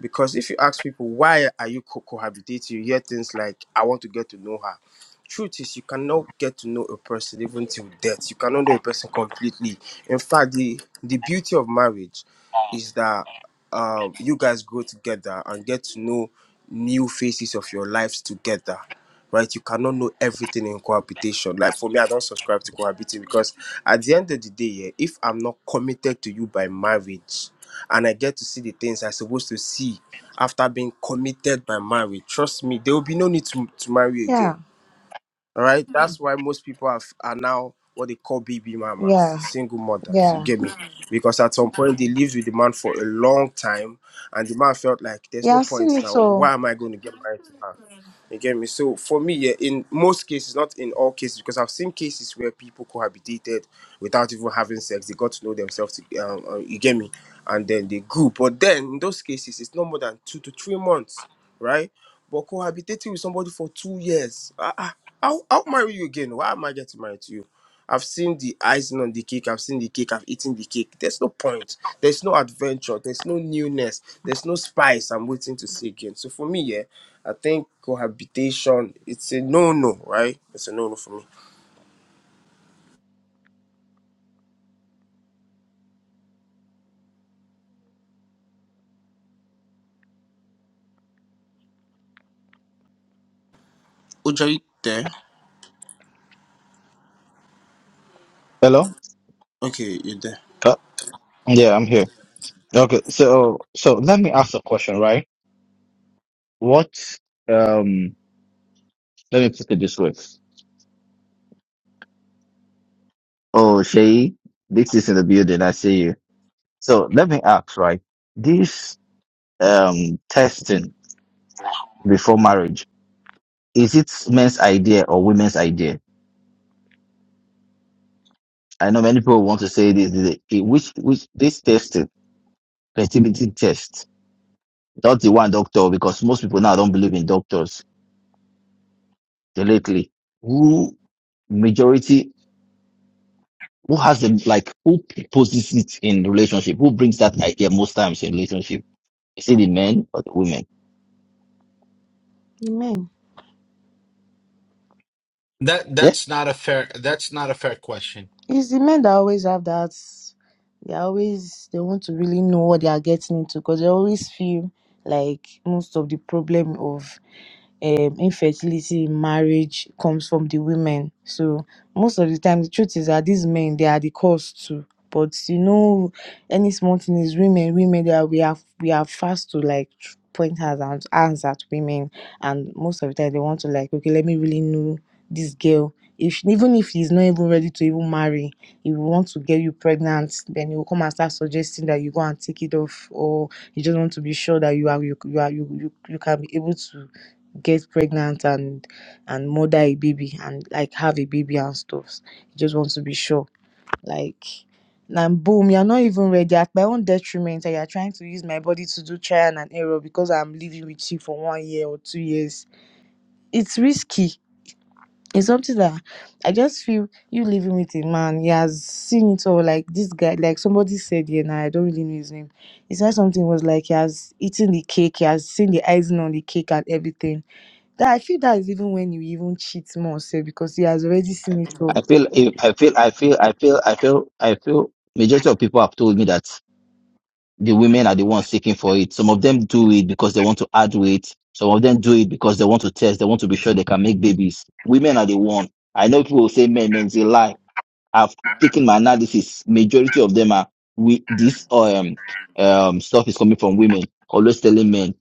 Speaker 10: because if you ask people why are you co- cohabitating, you hear things like "I want to get to know her." Truth is, you cannot get to know a person even till death. You cannot know a person completely. In fact, the the beauty of marriage is that um, you guys grow together and get to know new phases of your lives together right? You cannot know everything in cohabitation. Like for me, I don't subscribe to cohabiting because at the end of the day, yeah, if I'm not committed to you by marriage and I get to see the things I'm supposed to see after being committed by marriage, trust me, there will be no need to, to marry again.
Speaker 7: Yeah.
Speaker 10: All right. That's why most people are, are now what they call baby mamas,
Speaker 7: Yeah.
Speaker 10: single mothers. You
Speaker 7: Yeah.
Speaker 10: get me? Because at some point they lived with the man for a long time, and the man felt like there's
Speaker 7: Yeah.
Speaker 10: no
Speaker 7: I've seen
Speaker 10: point
Speaker 7: it
Speaker 10: now.
Speaker 7: all.
Speaker 10: Why am I going to get married to her? You get me? So for me, yeah, in most cases, not in all cases, because I've seen cases where people cohabitated without even having sex. They got to know themselves. To, um, uh, you get me? And then they grew. But then in those cases, it's no more than two to three months, right? but cohabitating with somebody for two years. Ah, ah, I'll, I'll marry you again. Why am I getting married to you? I've seen the icing on the cake. I've seen the cake. I've eaten the cake. There's no point. There's no adventure. There's no newness. There's no spice I'm waiting to see again. So for me, yeah, I think cohabitation, it's a no-no, right? It's a no-no for me. Oja, you there?
Speaker 1: Hello?
Speaker 10: Okay, you're there.
Speaker 1: Huh? Yeah, I'm here. Okay, so so let me ask a question, right? What um let me put it this way. Oh, Shay, this is in the building, I see you. So let me ask, right? This um testing before marriage, is it men's idea or women's idea? I know many people want to say this, this- this- which which this testing, fertility test, not the one doctor, because most people now don't believe in doctors lately. Who majority Who has the like who poses it in relationship? Who brings that idea most times in relationship? Is it the men or the women?
Speaker 7: The men.
Speaker 12: That
Speaker 1: Yeah,
Speaker 12: that's not a fair that's not a fair question.
Speaker 7: It's the men that always have that. They always they want to really know what they are getting into because they always feel like most of the problem of um, infertility in marriage comes from the women. So most of the time, the truth is that these men they are the cause too. But you know, any small thing is women, women that we are we are fast to like point hands and hands at women, and most of the time they want to like okay, let me really know this girl. If even if he's not even ready to even marry, he will want to get you pregnant, then he will come and start suggesting that you go and take it off, or you just want to be sure that you are you you are you you, you can be able to get pregnant and and mother a baby and like have a baby and stuff. You just want to be sure. Like now, boom, you're not even ready at my own detriment and you're trying to use my body to do trial and error because I'm living with you for one year or two years. It's risky. It's something that I just feel you living with a man, he has seen it all. Like this guy, like somebody said here now, I don't really know his name. He said something was like he has eaten the cake, he has seen the icing on the cake and everything that I feel that is even when you even cheat more, say because he has already seen it all.
Speaker 1: I feel eh, I feel I feel I feel I feel I feel majority of people have told me that the women are the ones seeking for it. Some of them do it because they want to add weight. Some of them do it because they want to test. They want to be sure they can make babies. Women are the one. I know people will say men, men, they lie. I've taken my analysis. Majority of them are we this um um stuff is coming from women always telling men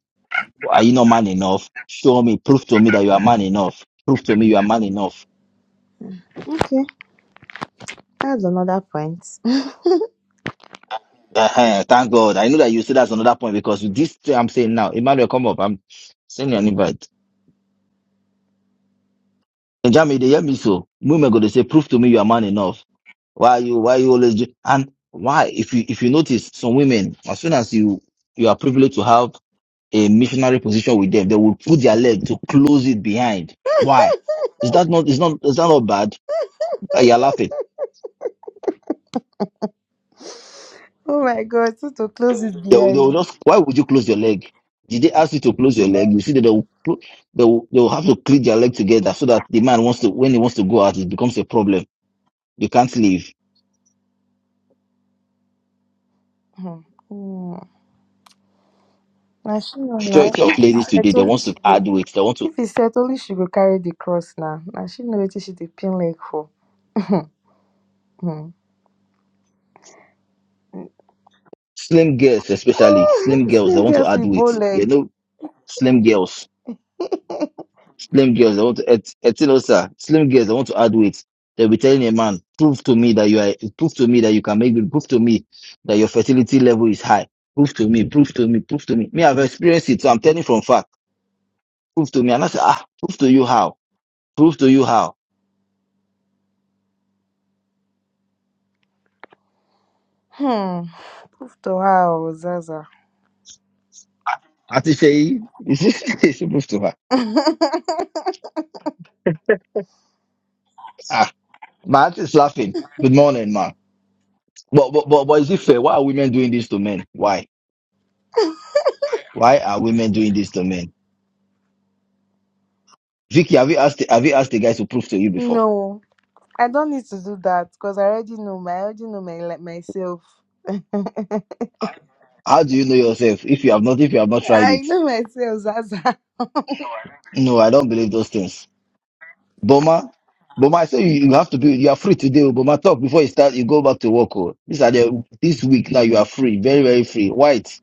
Speaker 1: Are you not man enough? Show me, prove to me that you are man enough. Prove to me you are man enough.
Speaker 7: Okay, that's another point. *laughs*
Speaker 1: Uh-huh. Thank God. I know that you see that's another point because with this thing I'm saying now, Emmanuel, come up. I'm sending you an invite. And Jamie, they hear me so. Women go to say, prove to me you are man enough. Why you why you always do and why if you if you notice some women, as soon as you you are privileged to have a missionary position with them, they will put their leg to close it behind. Why? Is that not is not is that not bad? Uh, You're laughing.
Speaker 7: oh my God, so to close it
Speaker 1: They will, they will
Speaker 7: behind.
Speaker 1: just, why would you close your leg? Did they ask you to close your leg? You see that they will, clo- they will, they will have to click their leg together so that the man wants to, when he wants to go out, it becomes a problem. You can't leave.
Speaker 7: Hmm. Hmm. Now she know now.
Speaker 1: Majority of
Speaker 7: If
Speaker 1: ladies
Speaker 7: he
Speaker 1: today,
Speaker 7: set only
Speaker 1: they want to
Speaker 7: she go.
Speaker 1: add weight. They want to,
Speaker 7: If he set only she go carry the cross now. Now she know what she the pin leg for. *laughs* Hmm.
Speaker 1: slim girls especially, slim
Speaker 7: *laughs*
Speaker 1: girls, they
Speaker 7: Slim
Speaker 1: want to
Speaker 7: girls
Speaker 1: add
Speaker 7: with
Speaker 1: weight.
Speaker 7: bow *laughs*
Speaker 1: They
Speaker 7: leg.
Speaker 1: know slim girls. Slim girls I want to, et, also. slim girls I want to add weight. They'll be telling a man, prove to me that you are, prove to me that you can make it, prove to me that your fertility level is high. Prove to me, prove to me, prove to me. Me, I've experienced it, so I'm telling from fact. Prove to me. And I say, ah, prove to you how? Prove to you how?
Speaker 7: Hmm. Prove to her, oh, Zaza.
Speaker 1: Auntie Shay, is it, *laughs* she prove to her. Ah, my aunt is laughing. Good morning, ma. But, but, but, but is it fair? Why are women doing this to men? Why? Why are women doing this to men? Vicky, have you asked, have you asked the guys to prove to you before?
Speaker 7: No, I don't need to do that because I already know my, I already know my, like, myself.
Speaker 1: How do you know yourself if you have not if you have not tried
Speaker 7: I
Speaker 1: it?
Speaker 7: know myself, Zaza. *laughs*
Speaker 1: No, I don't believe those things. Boma, Boma, I say you, you have to be you are free today. oh, Boma, talk before you start. You go back to work. Oh. These are the this week now. You are free, very very free. White,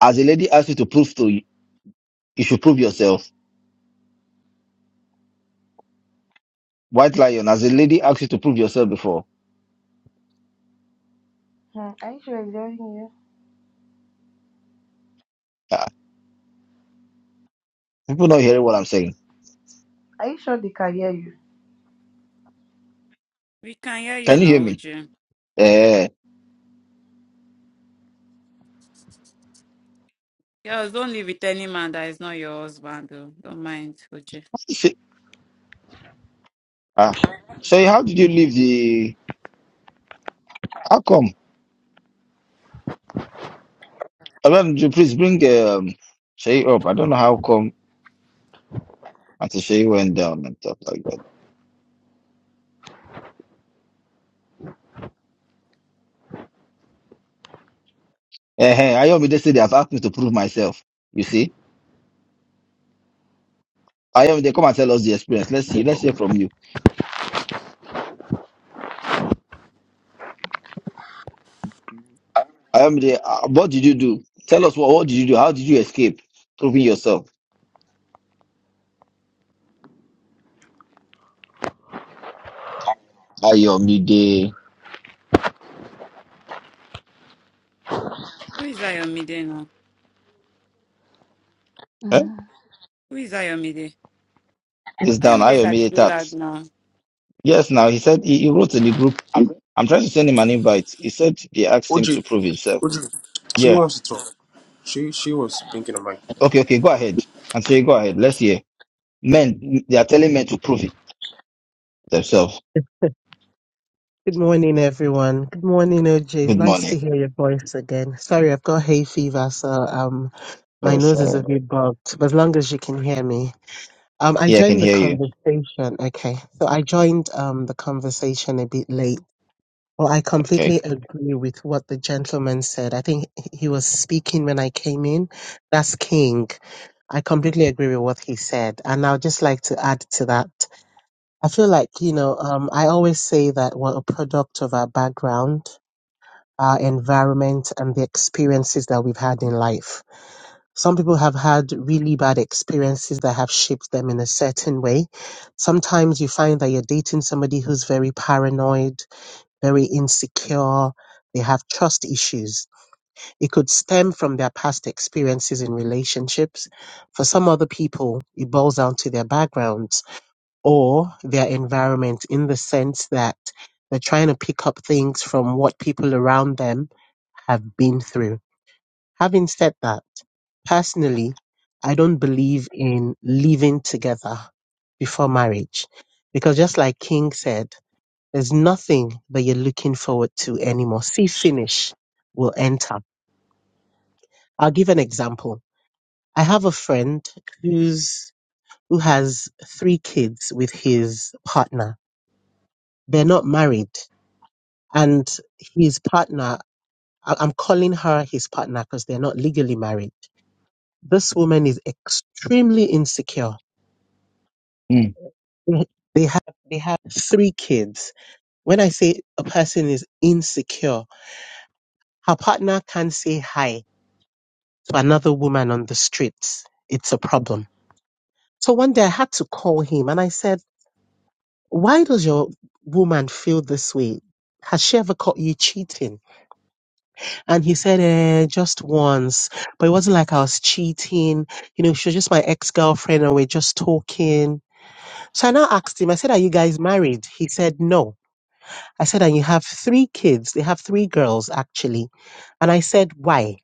Speaker 1: as a lady asks you to prove to you, you should prove yourself. White lion, as a lady asks you to prove yourself before.
Speaker 7: Hmm, Are you sure it's hearing you?
Speaker 1: Ah, people not hearing what I'm saying.
Speaker 7: Are you sure they can hear you?
Speaker 2: we can hear you
Speaker 1: Can you hear
Speaker 2: now,
Speaker 1: me?
Speaker 2: Uju.
Speaker 1: Eh,
Speaker 2: Girls, don't live with any man that is not your husband though. Don't mind, Uju.
Speaker 1: so, ah, so how did you leave the? How come? I mean, you please bring um, say up. I don't know how come And so she went down and stuff like that. Eh, hey, Ayomi, they say they have asked me to prove myself. You see? Ayomi, they come and tell us the experience. Let's see. Let's hear from you. Ayomi, they, uh, what did you do? Tell us what, what did you do? How did you escape proving yourself? Ayomi, they...
Speaker 2: Who is Ayomide now?
Speaker 1: Eh?
Speaker 2: Who is Ayomide?
Speaker 1: It's
Speaker 2: I
Speaker 1: down.
Speaker 2: am days I
Speaker 1: Ayomi,
Speaker 2: be
Speaker 1: they
Speaker 2: do
Speaker 1: tat.
Speaker 2: lag now?
Speaker 1: Yes, now, he said he, he wrote in the group. I'm trying to send him an invite. He said they asked him
Speaker 10: Oji,
Speaker 1: to prove himself.
Speaker 10: Oji, she
Speaker 1: Yeah.
Speaker 10: wants to talk. She she was blinking on my.
Speaker 1: Okay, okay, go ahead. And say, go ahead. Let's hear. Men, they are telling men to prove it themselves.
Speaker 13: Good morning, everyone. Good morning, OJ. It's
Speaker 1: Good
Speaker 13: nice
Speaker 1: morning.
Speaker 13: to hear your voice again. Sorry, I've got hay fever, so um, my
Speaker 1: Oh,
Speaker 13: nose is a
Speaker 1: sorry.
Speaker 13: bit bugged. But as long as you can hear me, um, I
Speaker 1: Yeah, I can
Speaker 13: joined the
Speaker 1: hear you.
Speaker 13: conversation. Okay, so I joined um the conversation a bit late. Well, I
Speaker 1: Okay.
Speaker 13: completely agree with what the gentleman said. I think he was speaking when I came in. That's King. I completely agree with what he said, and I'd just like to add to that. I feel like you know, um, I always say that we're a product of our background our environment and the experiences that we've had in life. Some people have had really bad experiences that have shaped them in a certain way. Sometimes you find that you're dating somebody who's very paranoid, very insecure. They have trust issues. It could stem from their past experiences in relationships. For some other people, it boils down to their backgrounds or their environment in the sense that they're trying to pick up things from what people around them have been through. Having said that, personally, I don't believe in living together before marriage because just like King said, there's nothing that you're looking forward to anymore. See finish will enter. I'll give an example. I have a friend who's who has three kids with his partner. They're not married and his partner I- i'm calling her his partner because they're not legally married this woman is extremely insecure
Speaker 1: Mm,
Speaker 13: they they have they have three kids when i say a person is insecure her partner can say hi to another woman on the streets it's a problem so one day i had to call him and i said why does your woman feel this way has she ever caught you cheating And he said, eh, just once. But it wasn't like I was cheating. You know, she was just my ex girlfriend and we're just talking. So I now asked him, I said, Are you guys married? He said, No. I said, And you have three kids. They have three girls, actually. And I said, Why?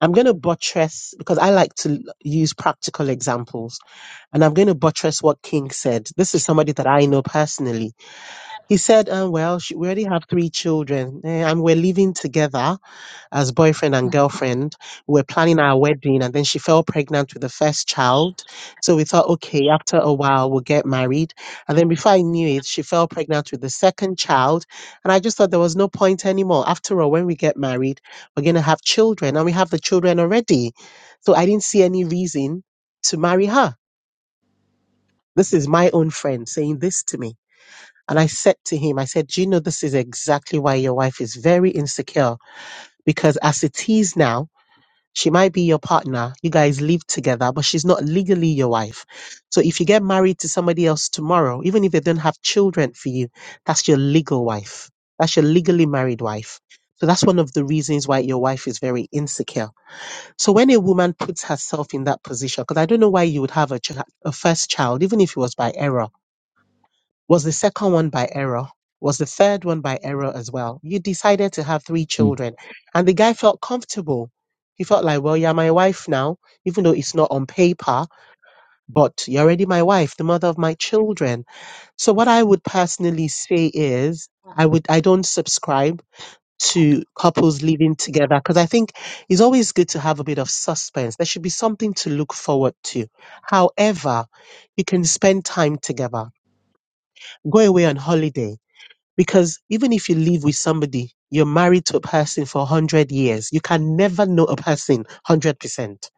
Speaker 13: I'm going to buttress because I like to l- use practical examples. And I'm going to buttress what King said. This is somebody that I know personally. He said, um, Well, she, we already have three children eh, and we're living together as boyfriend and girlfriend. We were planning our wedding, and then she fell pregnant with the first child. So we thought, okay, after a while, we'll get married. And then before I knew it, she fell pregnant with the second child. And I just thought there was no point anymore. After all, when we get married, we're going to have children, and we have the children already. So I didn't see any reason to marry her. This is my own friend saying this to me. And I said to him, I said, Do you know this is exactly why your wife is very insecure? Because as it is now, she might be your partner. You guys live together, but she's not legally your wife. So if you get married to somebody else tomorrow, even if they don't have children for you, that's your legal wife. That's your legally married wife. So that's one of the reasons why your wife is very insecure. So when a woman puts herself in that position, because I don't know why you would have a, ch- a first child, even if it was by error, was the second one by error? Was the third one by error as well? You decided to have three
Speaker 1: mm.
Speaker 13: children. And the guy felt comfortable. He felt like, well, you're my wife now, even though it's not on paper, but you're already my wife, the mother of my children. So what I would personally say is I would I don't subscribe to couples living together because I think it's always good to have a bit of suspense. There should be something to look forward to. However, you can spend time together. Go away on holiday because even if you live with somebody, you're married to a person for 100 years. You can never know a person 100%.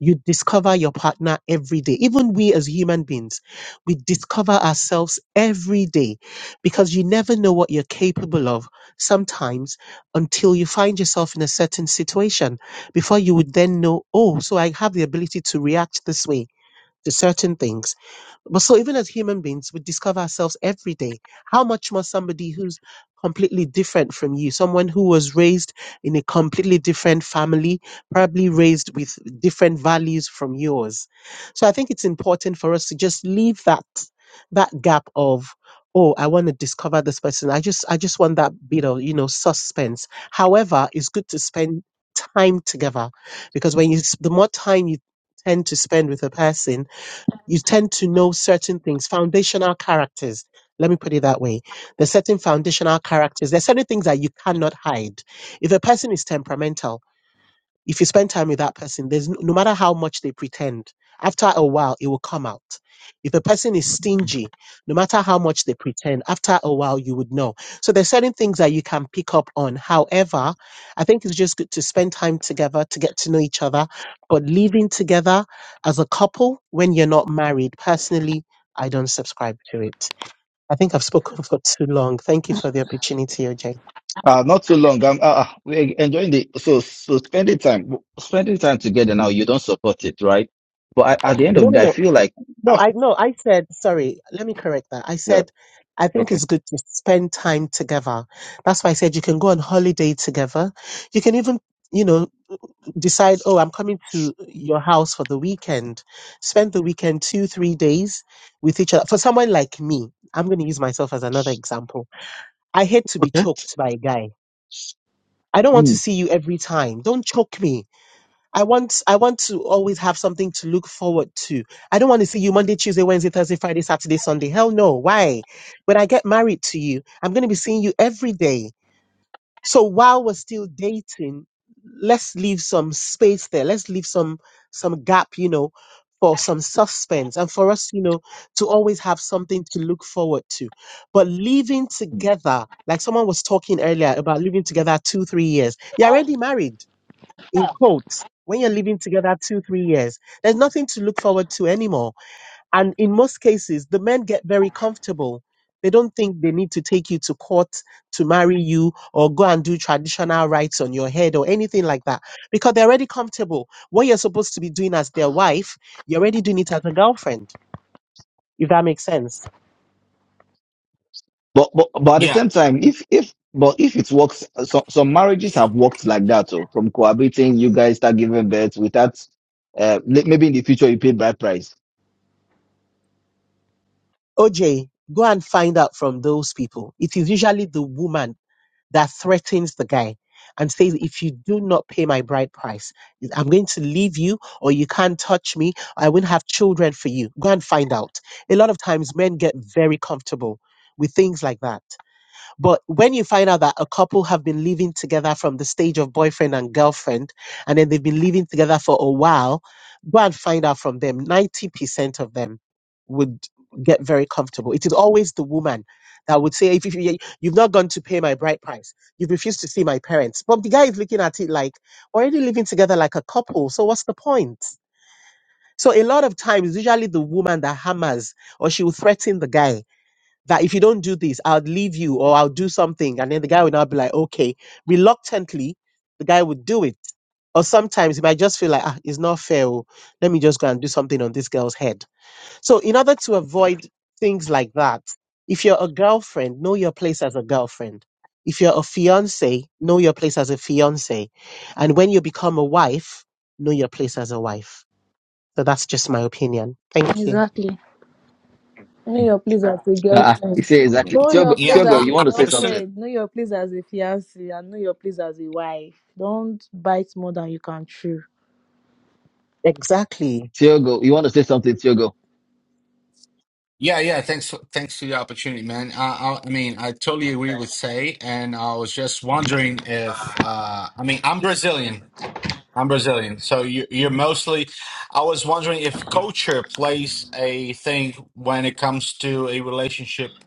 Speaker 13: You discover your partner every day. Even we as human beings, we discover ourselves every day because you never know what you're capable of sometimes until you find yourself in a certain situation before you would then know, oh, so I have the ability to react this way to certain things but so even as human beings, we discover ourselves every day. How much more somebody who's completely different from you, someone who was raised in a completely different family, probably raised with different values from yours. So I think it's important for us to just leave that that gap of oh i want to discover this person i just i just want that bit of you know suspense however it's good to spend time together because when you s- the more time you tend to spend with a person you tend to know certain things, foundational characters. Let me put it that way. There's certain foundational characters. There's certain things that you cannot hide. If a person is temperamental, if you spend time with that person, there's n- no matter how much they pretend, after a while it will come out. If a person is stingy, no matter how much they pretend, after a while you would know. So there's certain things that you can pick up on. However, I think it's just good to spend time together to get to know each other. But living together as a couple when you're not married, personally, I don't subscribe to it. I think I've spoken *laughs* for too long. Thank you for the opportunity, OJ.
Speaker 1: Uh, not too long. I'm, uh, uh, we're enjoying the so so spending time spending time together now. You don't support it, right? But I, at the end of
Speaker 13: No,
Speaker 1: the
Speaker 13: no,
Speaker 1: day, I
Speaker 13: no.
Speaker 1: feel like
Speaker 13: No,
Speaker 1: after
Speaker 13: I no, I said sorry. Let me correct that. I
Speaker 1: yeah,
Speaker 13: said I think
Speaker 1: okay,
Speaker 13: it's good to spend time together. That's why I said you can go on holiday together. You can even, you know, decide, oh, I'm coming to your house for the weekend. Spend the weekend two, three days with each other. For someone like me, I'm going to use myself as another example. I hate to be
Speaker 1: okay,
Speaker 13: choked by a guy. I don't want to
Speaker 1: mm,
Speaker 13: see you every time. Don't choke me I want I want to always have something to look forward to. I don't want to see you Monday, Tuesday, Wednesday, Thursday, Friday, Saturday, Sunday. Hell no. Why? When I get married to you, I'm going to be seeing you every day. So while we're still dating, let's leave some space there. Let's leave some some gap, you know, for some suspense and for us, you know, to always have something to look forward to. But living
Speaker 1: mm.
Speaker 13: together, like someone was talking earlier about living together 2-3 years. You're already married in quotes, when you're living together two, three years, there's nothing to look forward to anymore. And in most cases, the men get very comfortable. They don't think they need to take you to court to marry you or go and do traditional rites on your head or anything like that because they're already comfortable. What you're supposed to be doing as their wife, you're already doing it as a girlfriend, if that makes sense.
Speaker 1: But, but but at the
Speaker 12: Yeah,
Speaker 1: same time, if if but if it works, uh, so, some marriages have worked like that. So from cohabiting, you guys start giving birth without uh, li- maybe in the future you pay by price.
Speaker 13: OJ, go and find out from those people. It is usually the woman that threatens the guy and says, if you do not pay my bride price, I'm going to leave you or you can't touch me. I won't have children for you. Go and find out. A lot of times men get very comfortable with things like that. But when you find out that a couple have been living together from the stage of boyfriend and girlfriend, and then they've been living together for a while, go and find out from them. 90% of them would get very comfortable. It is always the woman that would say, if, if you, you've not gone to pay my bride price, you've refused to see my parents. But the guy is looking at it like, already living together like a couple. So what's the point? So a lot of times, usually the woman that hammers or she will threaten the guy that if you don't do this, I'll leave you or I'll do something. And then the guy will now be like, okay. Reluctantly, the guy would do it. Or sometimes he might just feel like, ah, it's not fair. oh. Let me just go and do something on this girl's head. So, in order to avoid things like that, if you're a girlfriend, know your place as a girlfriend. If you're a fiance, know your place as a fiance. And when you become a wife, know your place as a wife. So that's just my opinion. Thank you.
Speaker 7: Exactly. Know your place as a
Speaker 1: Uh, you
Speaker 7: girlfriend.
Speaker 1: say exactly.
Speaker 7: Know
Speaker 1: Tiogo,
Speaker 7: your
Speaker 12: yeah,
Speaker 7: place as
Speaker 1: Tiogo,
Speaker 12: I,
Speaker 1: you
Speaker 7: a
Speaker 12: I
Speaker 1: want to say something?
Speaker 12: absolutely.
Speaker 7: girlfriend. Know your place as a fiance, And know your place as a wife. Don't bite more than you can chew.
Speaker 13: Exactly.
Speaker 1: Tiogo, you want to say something? Tiogo,
Speaker 12: Yeah, yeah. Thanks, for- thanks for the opportunity, man. I, I, I mean, I totally agree with Say, and I was just wondering if, uh, I mean, I'm Brazilian. I'm Brazilian, so you, you're mostly. I was wondering if culture plays a thing when it comes to a relationship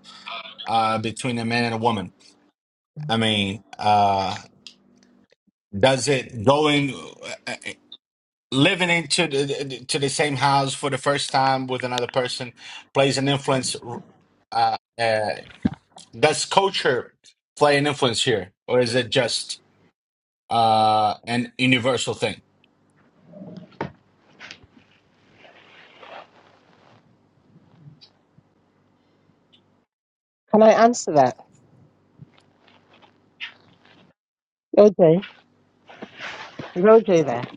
Speaker 12: uh, between a man and a woman. I mean, uh, Does it going living into the to the same house for the first time with another person plays an influence? Uh, uh, does culture play an influence here, or is it just uh, an universal thing?
Speaker 13: Can I answer that? OJ, is OJ there?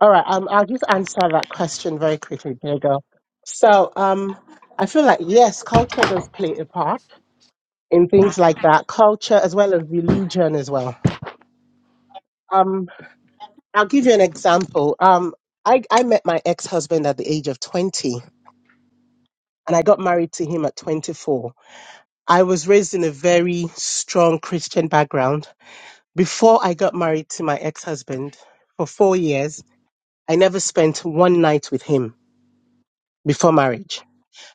Speaker 13: All right, um, I'll just answer that question very quickly, dear girl. So, um, I feel like yes, culture does play a part in things like that, culture as well as religion as well. Um, I'll give you an example. Um, I, I met my ex-husband at the age of 20 and I got married to him at 24. I was raised in a very strong Christian background. Before I got married to my ex husband for four years, I never spent one night with him before marriage.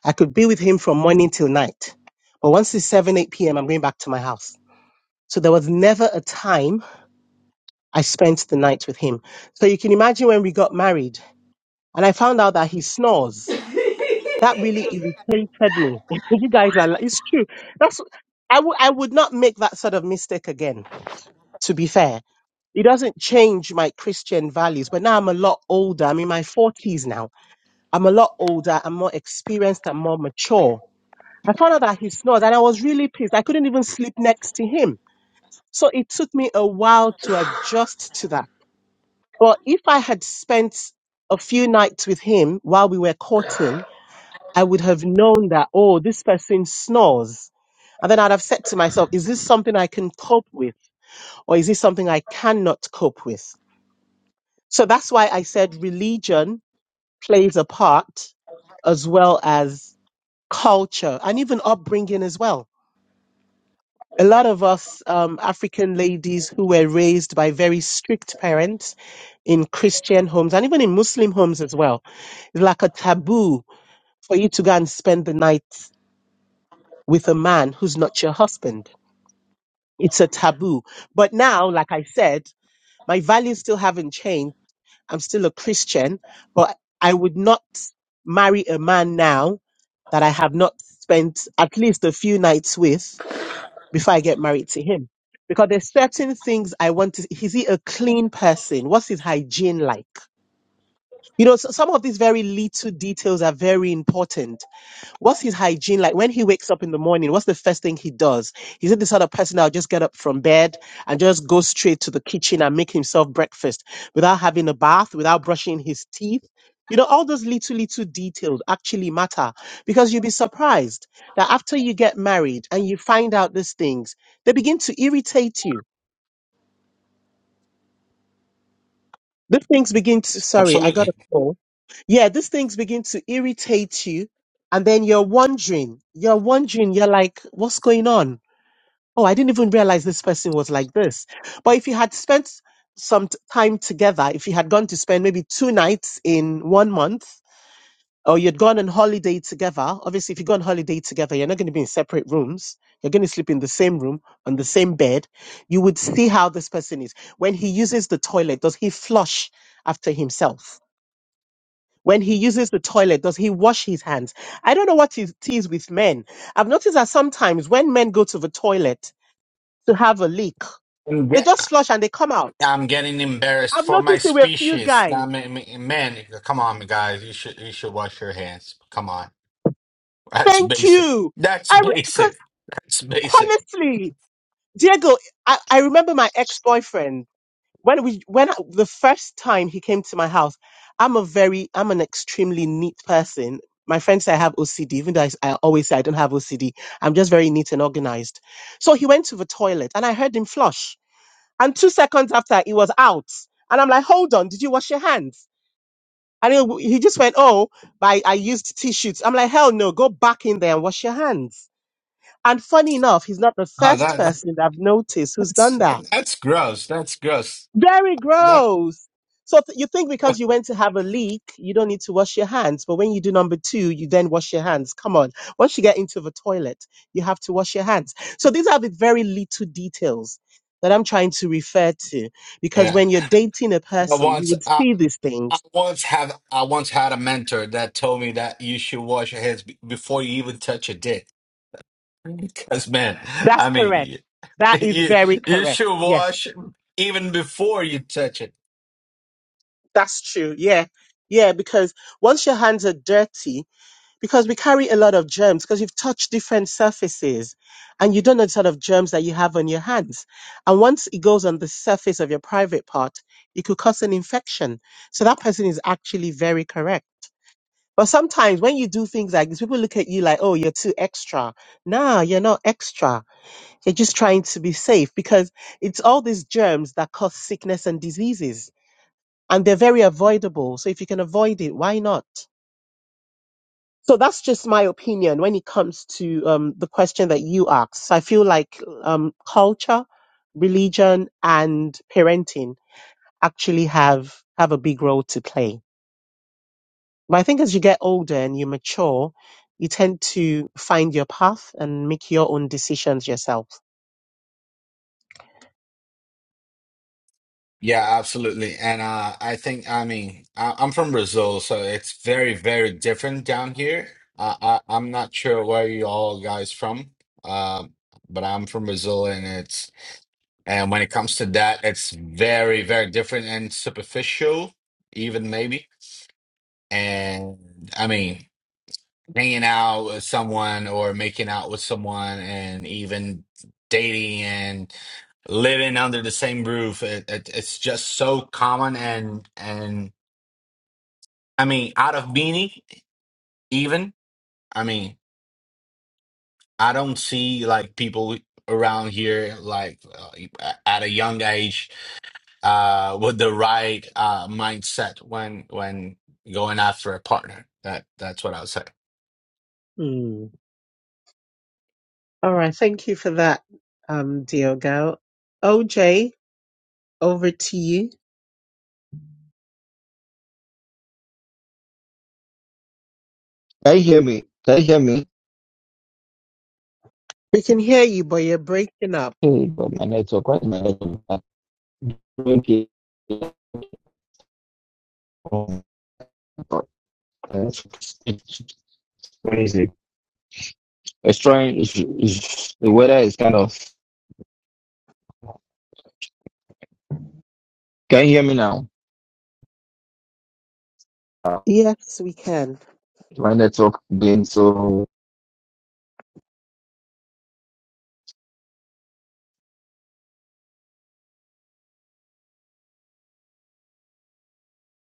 Speaker 13: I could be with him from morning till night. But once it's 7, 8 p.m., I'm going back to my house. So there was never a time I spent the night with him. So you can imagine when we got married and I found out that he snores. That really irritated me. *laughs* you guys are like, it's true. That's, I would I would not make that sort of mistake again to be fair. It doesn't change my Christian values, but now I'm a lot older. I'm in my 40s now. I'm a lot older. I'm more experienced. I'm more mature. I found out that he snores and I was really pissed. I couldn't even sleep next to him. So it took me a while to adjust to that. But if I had spent a few nights with him while we were courting, I would have known that, oh, this person snores. And then I'd have said to myself, is this something I can cope with or is this something I cannot cope with? So that's why I said religion plays a part as well as culture and even upbringing as well. A lot of us um, African ladies who were raised by very strict parents in Christian homes and even in Muslim homes as well, it's like a taboo for you to go and spend the night with a man who's not your husband. It's a taboo. But now, like I said, my values still haven't changed. I'm still a Christian, but I would not marry a man now that I have not spent at least a few nights with before I get married to him. Because there's certain things I want to, is he a clean person? What's his hygiene like? You know, so some of these very little details are very important What's his hygiene like when he wakes up in the morning? What's the first thing he does? Is it the sort of person that'll just get up from bed and just go straight to the kitchen and make himself breakfast without having a bath, without brushing his teeth? You know, all those little, little details actually matter because you'll be surprised that after you get married and you find out these things, they begin to irritate you. These things begin to, sorry, I got a
Speaker 12: Absolutely.
Speaker 13: call. Yeah, these things begin to irritate you. And then you're wondering, you're wondering, you're like, what's going on? oh, I didn't even realize this person was like this. But if you had spent some t- time together, if you had gone to spend maybe two nights in one month, or you'd gone on holiday together, obviously, if you go on holiday together, you're not going to be in separate rooms. You're going to sleep in the same room, on the same bed. You would see how this person is. When he uses the toilet, does he flush after himself? When he uses the toilet, does he wash his hands? I don't know what it is with men. I've noticed that sometimes when men go to the toilet, to have a leak.
Speaker 12: I'm,
Speaker 13: They
Speaker 12: get,
Speaker 13: just flush and they come out.
Speaker 12: I'm getting embarrassed
Speaker 13: I've
Speaker 12: for my
Speaker 13: noticed there were a few
Speaker 12: species. Nah,
Speaker 13: guys.
Speaker 12: I mean, I mean, man, come on, guys, you should you should wash your hands. Come on, that's
Speaker 13: Thank
Speaker 12: basic.
Speaker 13: you.
Speaker 12: That's
Speaker 13: I because
Speaker 12: basic. That's basic.
Speaker 13: honestly, Diego, I, I remember my ex boyfriend when we when I- the first time he came to my house. I'm a very I'm an extremely neat person. My friends say I have OCD, even though I, s- I always say I don't have OCD. I'm just very neat and organized. So he went to the toilet and I heard him flush. And two seconds after, he was out. And I'm like, hold on, did you wash your hands? And he, he just went, Oh, but I, I used tissues. I'm like, Hell no, go back in there and wash your hands. And funny enough, he's not the
Speaker 12: Oh,
Speaker 13: first
Speaker 12: that.
Speaker 13: person that I've noticed who's done
Speaker 12: That's
Speaker 13: that.
Speaker 12: that's gross. That's gross.
Speaker 13: Very
Speaker 12: That
Speaker 13: gross. So th- you think because you went to have a leak, you don't need to wash your hands. But when you do number two, you then wash your hands. Come on. Once you get into the toilet, you have to wash your hands. So these are the very little details that I'm trying to refer to. Because
Speaker 12: yeah.
Speaker 13: when you're dating a
Speaker 12: I
Speaker 13: person, you
Speaker 12: once
Speaker 13: would
Speaker 12: I,
Speaker 13: see these things
Speaker 12: I once have I once had a mentor that told me that you should wash your hands be- before you even touch a dick. Because man,
Speaker 13: That's
Speaker 12: I
Speaker 13: correct.
Speaker 12: mean,
Speaker 13: That is
Speaker 12: you
Speaker 13: very
Speaker 12: you
Speaker 13: correct.
Speaker 12: should
Speaker 13: Yes.
Speaker 12: wash even before you touch it.
Speaker 13: That's true. Yeah. Yeah. Because once your hands are dirty, because we carry a lot of germs, because you've touched different surfaces and you don't know the sort of germs that you have on your hands. And once it goes on the surface of your private part, it could cause an infection. So that person is actually very correct. But sometimes when you do things like this, people look at you like, oh, you're too extra. No, you're not extra You're just trying to be safe because it's all these germs that cause sickness and diseases, and they're very avoidable. So if you can avoid it, why not? So that's just my opinion when it comes to um, the question that you asked. So I feel like um, culture, religion, and parenting actually have have a big role to play. But I think as you get older and you mature, you tend to find your path and make your own decisions yourself.
Speaker 12: Yeah, absolutely. And uh, I think I mean I, I'm from Brazil, so it's very very different down here. Uh, I I'm not sure where you all guys from. Um, but I'm from Brazil, and it's And when it comes to that, it's very, very different and superficial, even maybe. And I mean, hanging out with someone or making out with someone and even dating and living under the same roof, it, it, it's just so common and and I mean, out of meaning, even. I mean, I don't see like people around here like uh, at a young age uh, with the right uh, mindset when when going after a partner. That that's what I would say.
Speaker 13: Hmm. All right. Thank you for that, um, Diogo. OJ, over to you.
Speaker 1: can you hear me? Can you hear me?
Speaker 13: We can hear you, but you're breaking up.
Speaker 1: Hey, but my network, why is my network? bad? Okay. It's crazy. It's trying. It's, it's, the weather is kind of. Can you hear me now?
Speaker 13: Yes, we can.
Speaker 1: My network being so